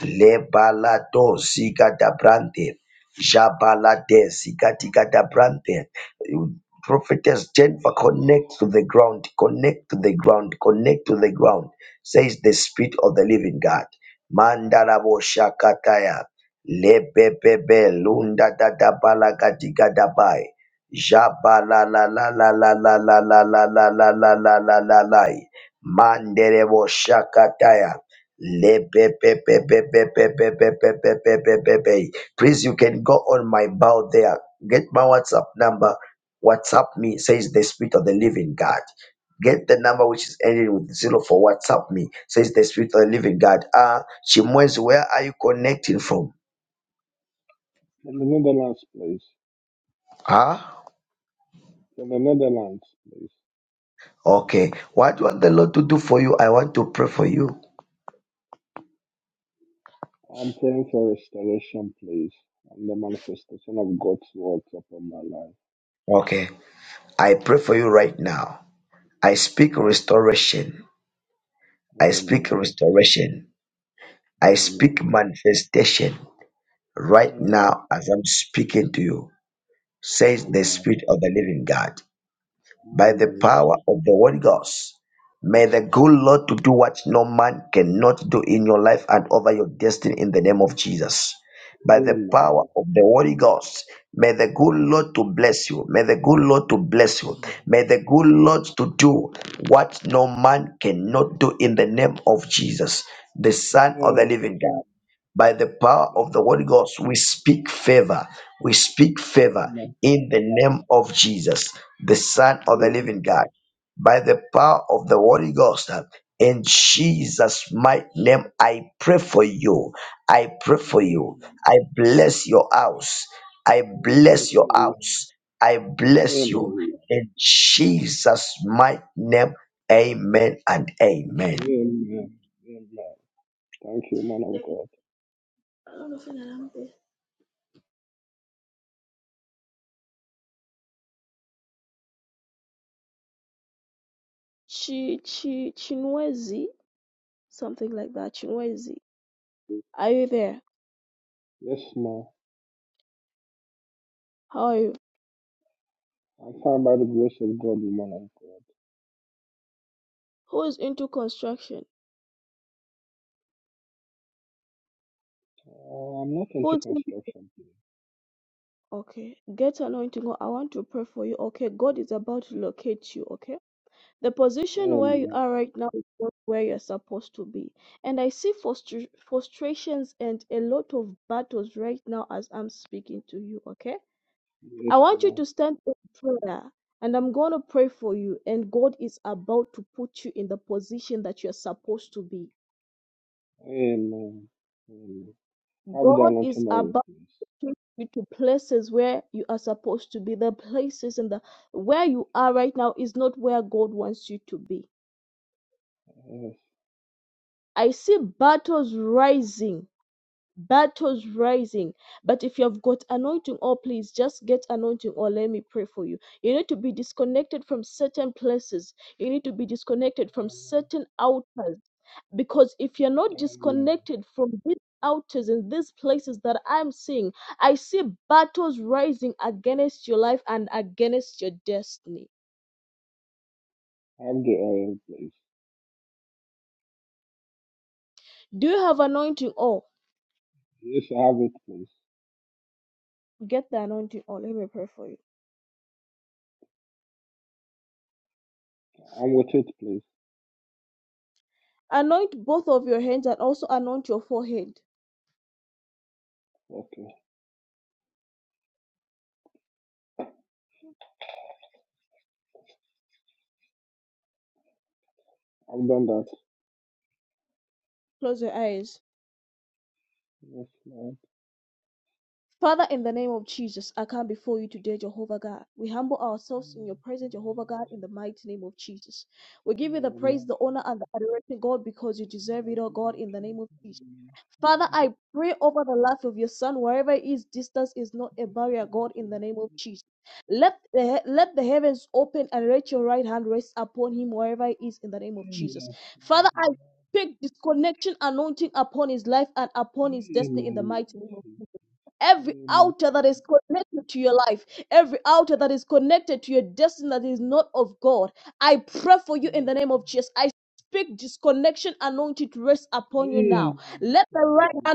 [SPEAKER 4] Lebalado Zigadabrante. Jabalade Zigadigadabrante. You- Prophetess Jennifer, connect to the ground, connect to the ground, connect to the ground, says the Spirit of the Living God. Mandarabo Shakataya. Lebebebe Lunda Dada Balagadiga Dabai. Jabala la la la la la la la la la la la la la la la Manderebo Shakataya. Lebebebebebebebebebebebebebebe. Please, you can go on my bow there. Get my WhatsApp number. WhatsApp me, says the Spirit of the Living God. Get the number which is ending with zero for WhatsApp me, says the Spirit of the Living God. Ah, Chimwenzi, where are you connecting from?
[SPEAKER 7] From the Netherlands, please.
[SPEAKER 4] Ah,
[SPEAKER 7] From the Netherlands, please.
[SPEAKER 4] okay. What do you want the Lord to do for you? I want to pray for you.
[SPEAKER 7] I'm praying for restoration, please, and the manifestation of God's words upon my life.
[SPEAKER 4] Okay. I pray for you right now. I speak restoration. I speak
[SPEAKER 7] Amen.
[SPEAKER 4] restoration. I
[SPEAKER 7] Amen.
[SPEAKER 4] speak manifestation right
[SPEAKER 7] Amen.
[SPEAKER 4] now as I'm speaking to you, says the
[SPEAKER 7] Amen.
[SPEAKER 4] Spirit of the Living God. by the
[SPEAKER 7] Amen. Amen.
[SPEAKER 4] power of the Holy Ghost. May the
[SPEAKER 7] Yes.
[SPEAKER 4] good Lord to do what no man cannot do in your life and over your destiny in the name of Jesus. By the
[SPEAKER 7] Amen. Lord.
[SPEAKER 4] power of the Holy Ghost, may the good
[SPEAKER 7] Yes.
[SPEAKER 4] Lord to bless you. May the good Lord to bless you.
[SPEAKER 7] Amen.
[SPEAKER 4] May the good Lord to do what no man cannot do in the name of Jesus, the Son of the Living God by the power
[SPEAKER 7] Amen.
[SPEAKER 4] of the Holy Ghost, we speak favor. We speak favor
[SPEAKER 7] Amen.
[SPEAKER 4] in the name of Jesus, the Son of the Living
[SPEAKER 7] Amen.
[SPEAKER 4] God. By the power of the Holy Ghost, uh, in Jesus' mighty name, I pray for you. I pray for you. I bless your house. I
[SPEAKER 7] Lord, Thank
[SPEAKER 4] bless your
[SPEAKER 7] you. Lord.
[SPEAKER 4] house. I bless you.
[SPEAKER 7] Amen.
[SPEAKER 4] In Jesus' mighty name, amen and amen.
[SPEAKER 7] Lord. Amen. Amen. Thank you, man of God. Yes, ma. I'm fine by the grace of God, man of God. Uh, I'm not into construction. Um, yes, no. Um, um, have the lantern oil, please. Yes, um, have the oil, please. Yes, I have it, please. I'm with it, please. Okay, I've done that. Yes, Lord. Um, I pray that you forgive me, Lord. Yes, Lord, please. Amen. Lord. Amen. Amen. Amen.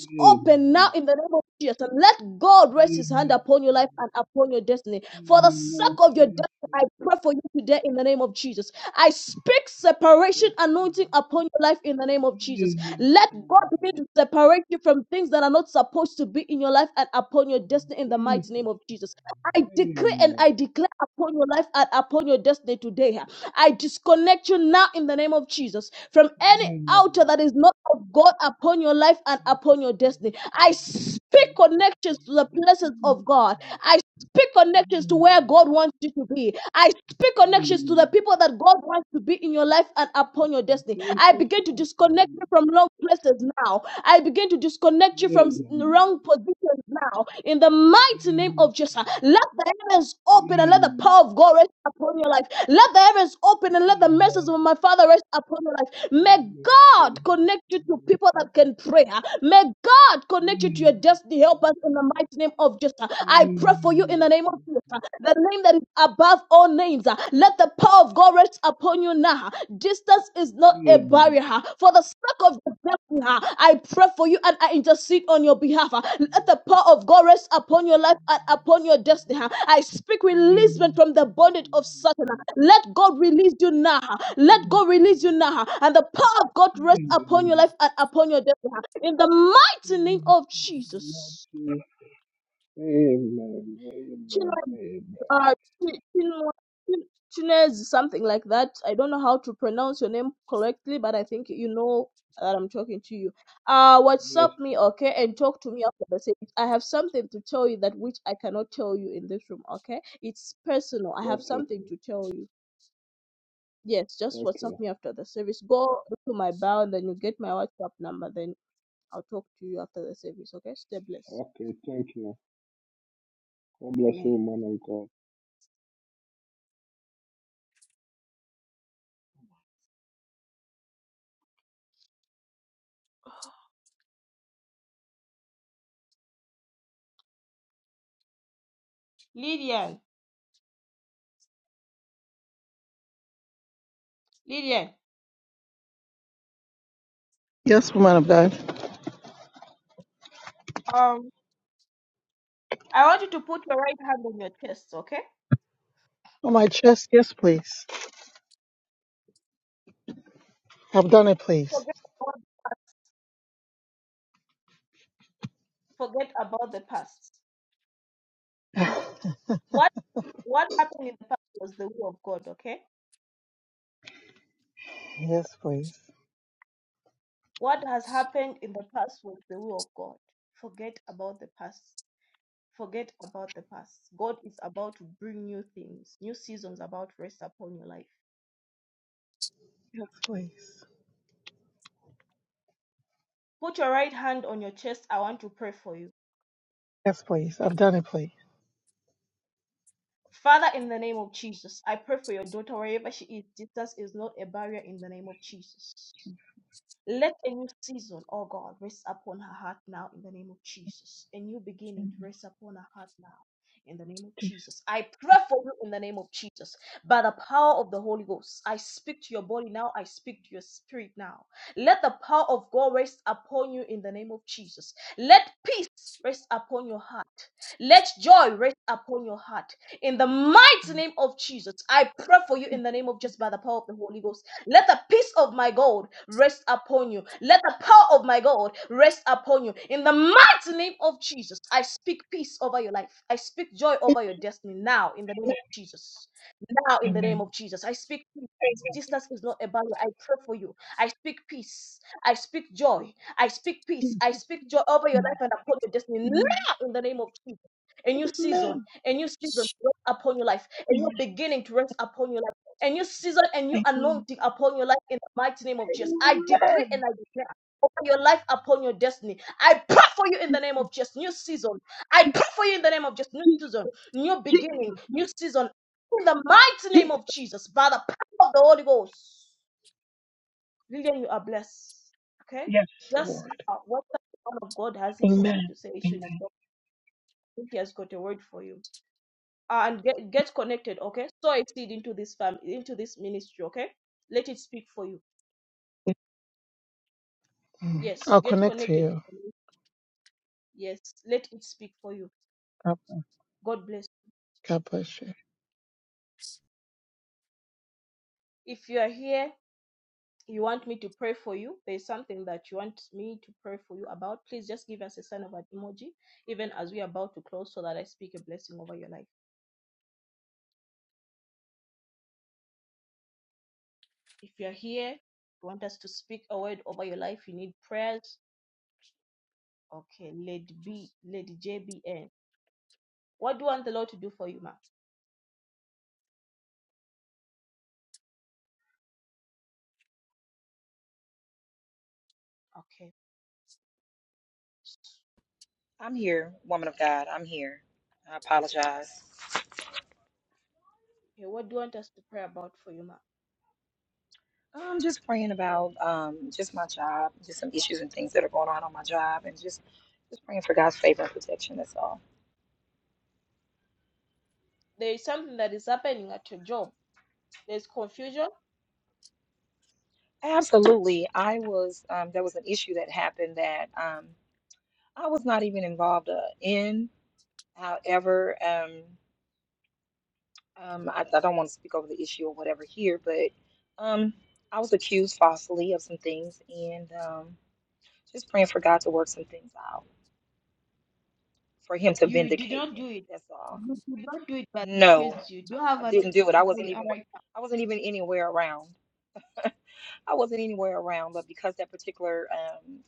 [SPEAKER 7] Amen. Amen. Amen. Amen, Lord Jesus. Yes, Amen, Lord Jesus. Amen. Amen, Lord Jesus. Amen. Amen. Jesus, Lord, amen. Amen. Amen. Amen. Amen. God bless you. Amen. Amen, Lord Jesus. Amen. Amen. Amen. Amen. Amen. Amen. Amen. Yes, sir. Okay, sir. okay, okay. Thank you. God bless you, man of God.
[SPEAKER 5] Yes, woman of God. On my chest, yes, please. I've done it, please. *sighs* yes, please. Yes, please. Yes, please. I've done it, please. Amen. Amen. Amen. Amen. Amen. Amen. Amen. Je- Je- Je- Jesus, name. Jesus. Yes, Lord. Amen. Amen. Mm. I'll connect to you. God God bless you.
[SPEAKER 8] I'm here, woman of God. I'm here. I apologize. I'm just praying about um, just my job, just some issues and things that are going on on my job, and just just praying for God's favor and protection. That's all. Absolutely. I was um, there was an issue that happened that um, I was not even involved uh, in. However, um, um, I, I don't want to speak over the issue or whatever here, but um, I was accused falsely of some things, and um, just praying for God to work some things out. for him to vindicate me. That's all. No, I didn't do it. I wasn't even I wasn't even anywhere around. I wasn't anywhere around, but because that particular um,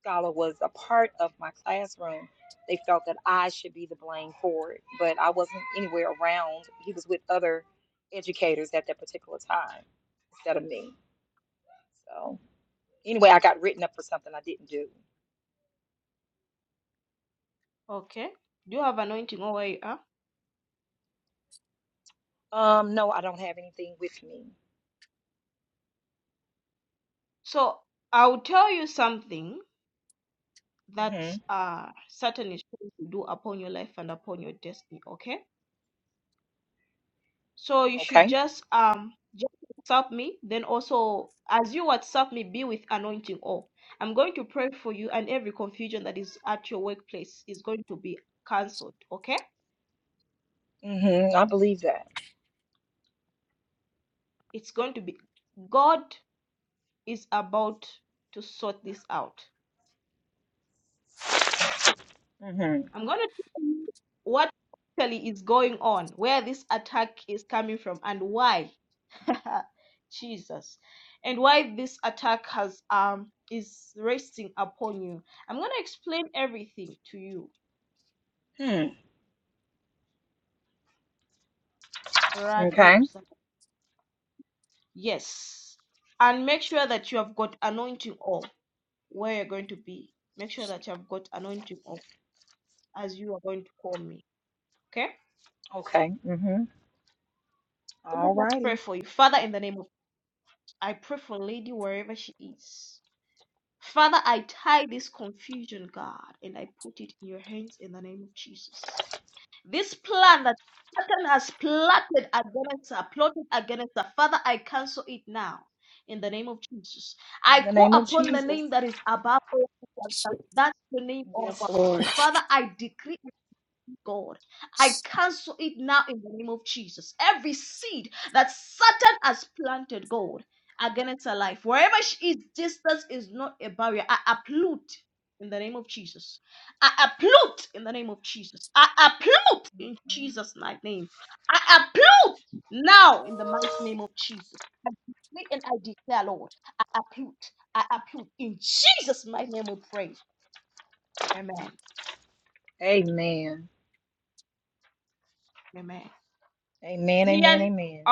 [SPEAKER 8] scholar was a part of my classroom, they felt that I should be the blame for it. But I wasn't anywhere around. He was with other educators at that particular time instead of me. So anyway, I got written up for something I didn't do. Um, no, I don't have anything with me. hmm Okay. hmm I believe that. Mm-hmm. Hmm. Okay. Okay. Mm-hmm. All righty. In the name of Jesus. Yes, Lord. Mhm. Amen. Amen. Amen. Amen.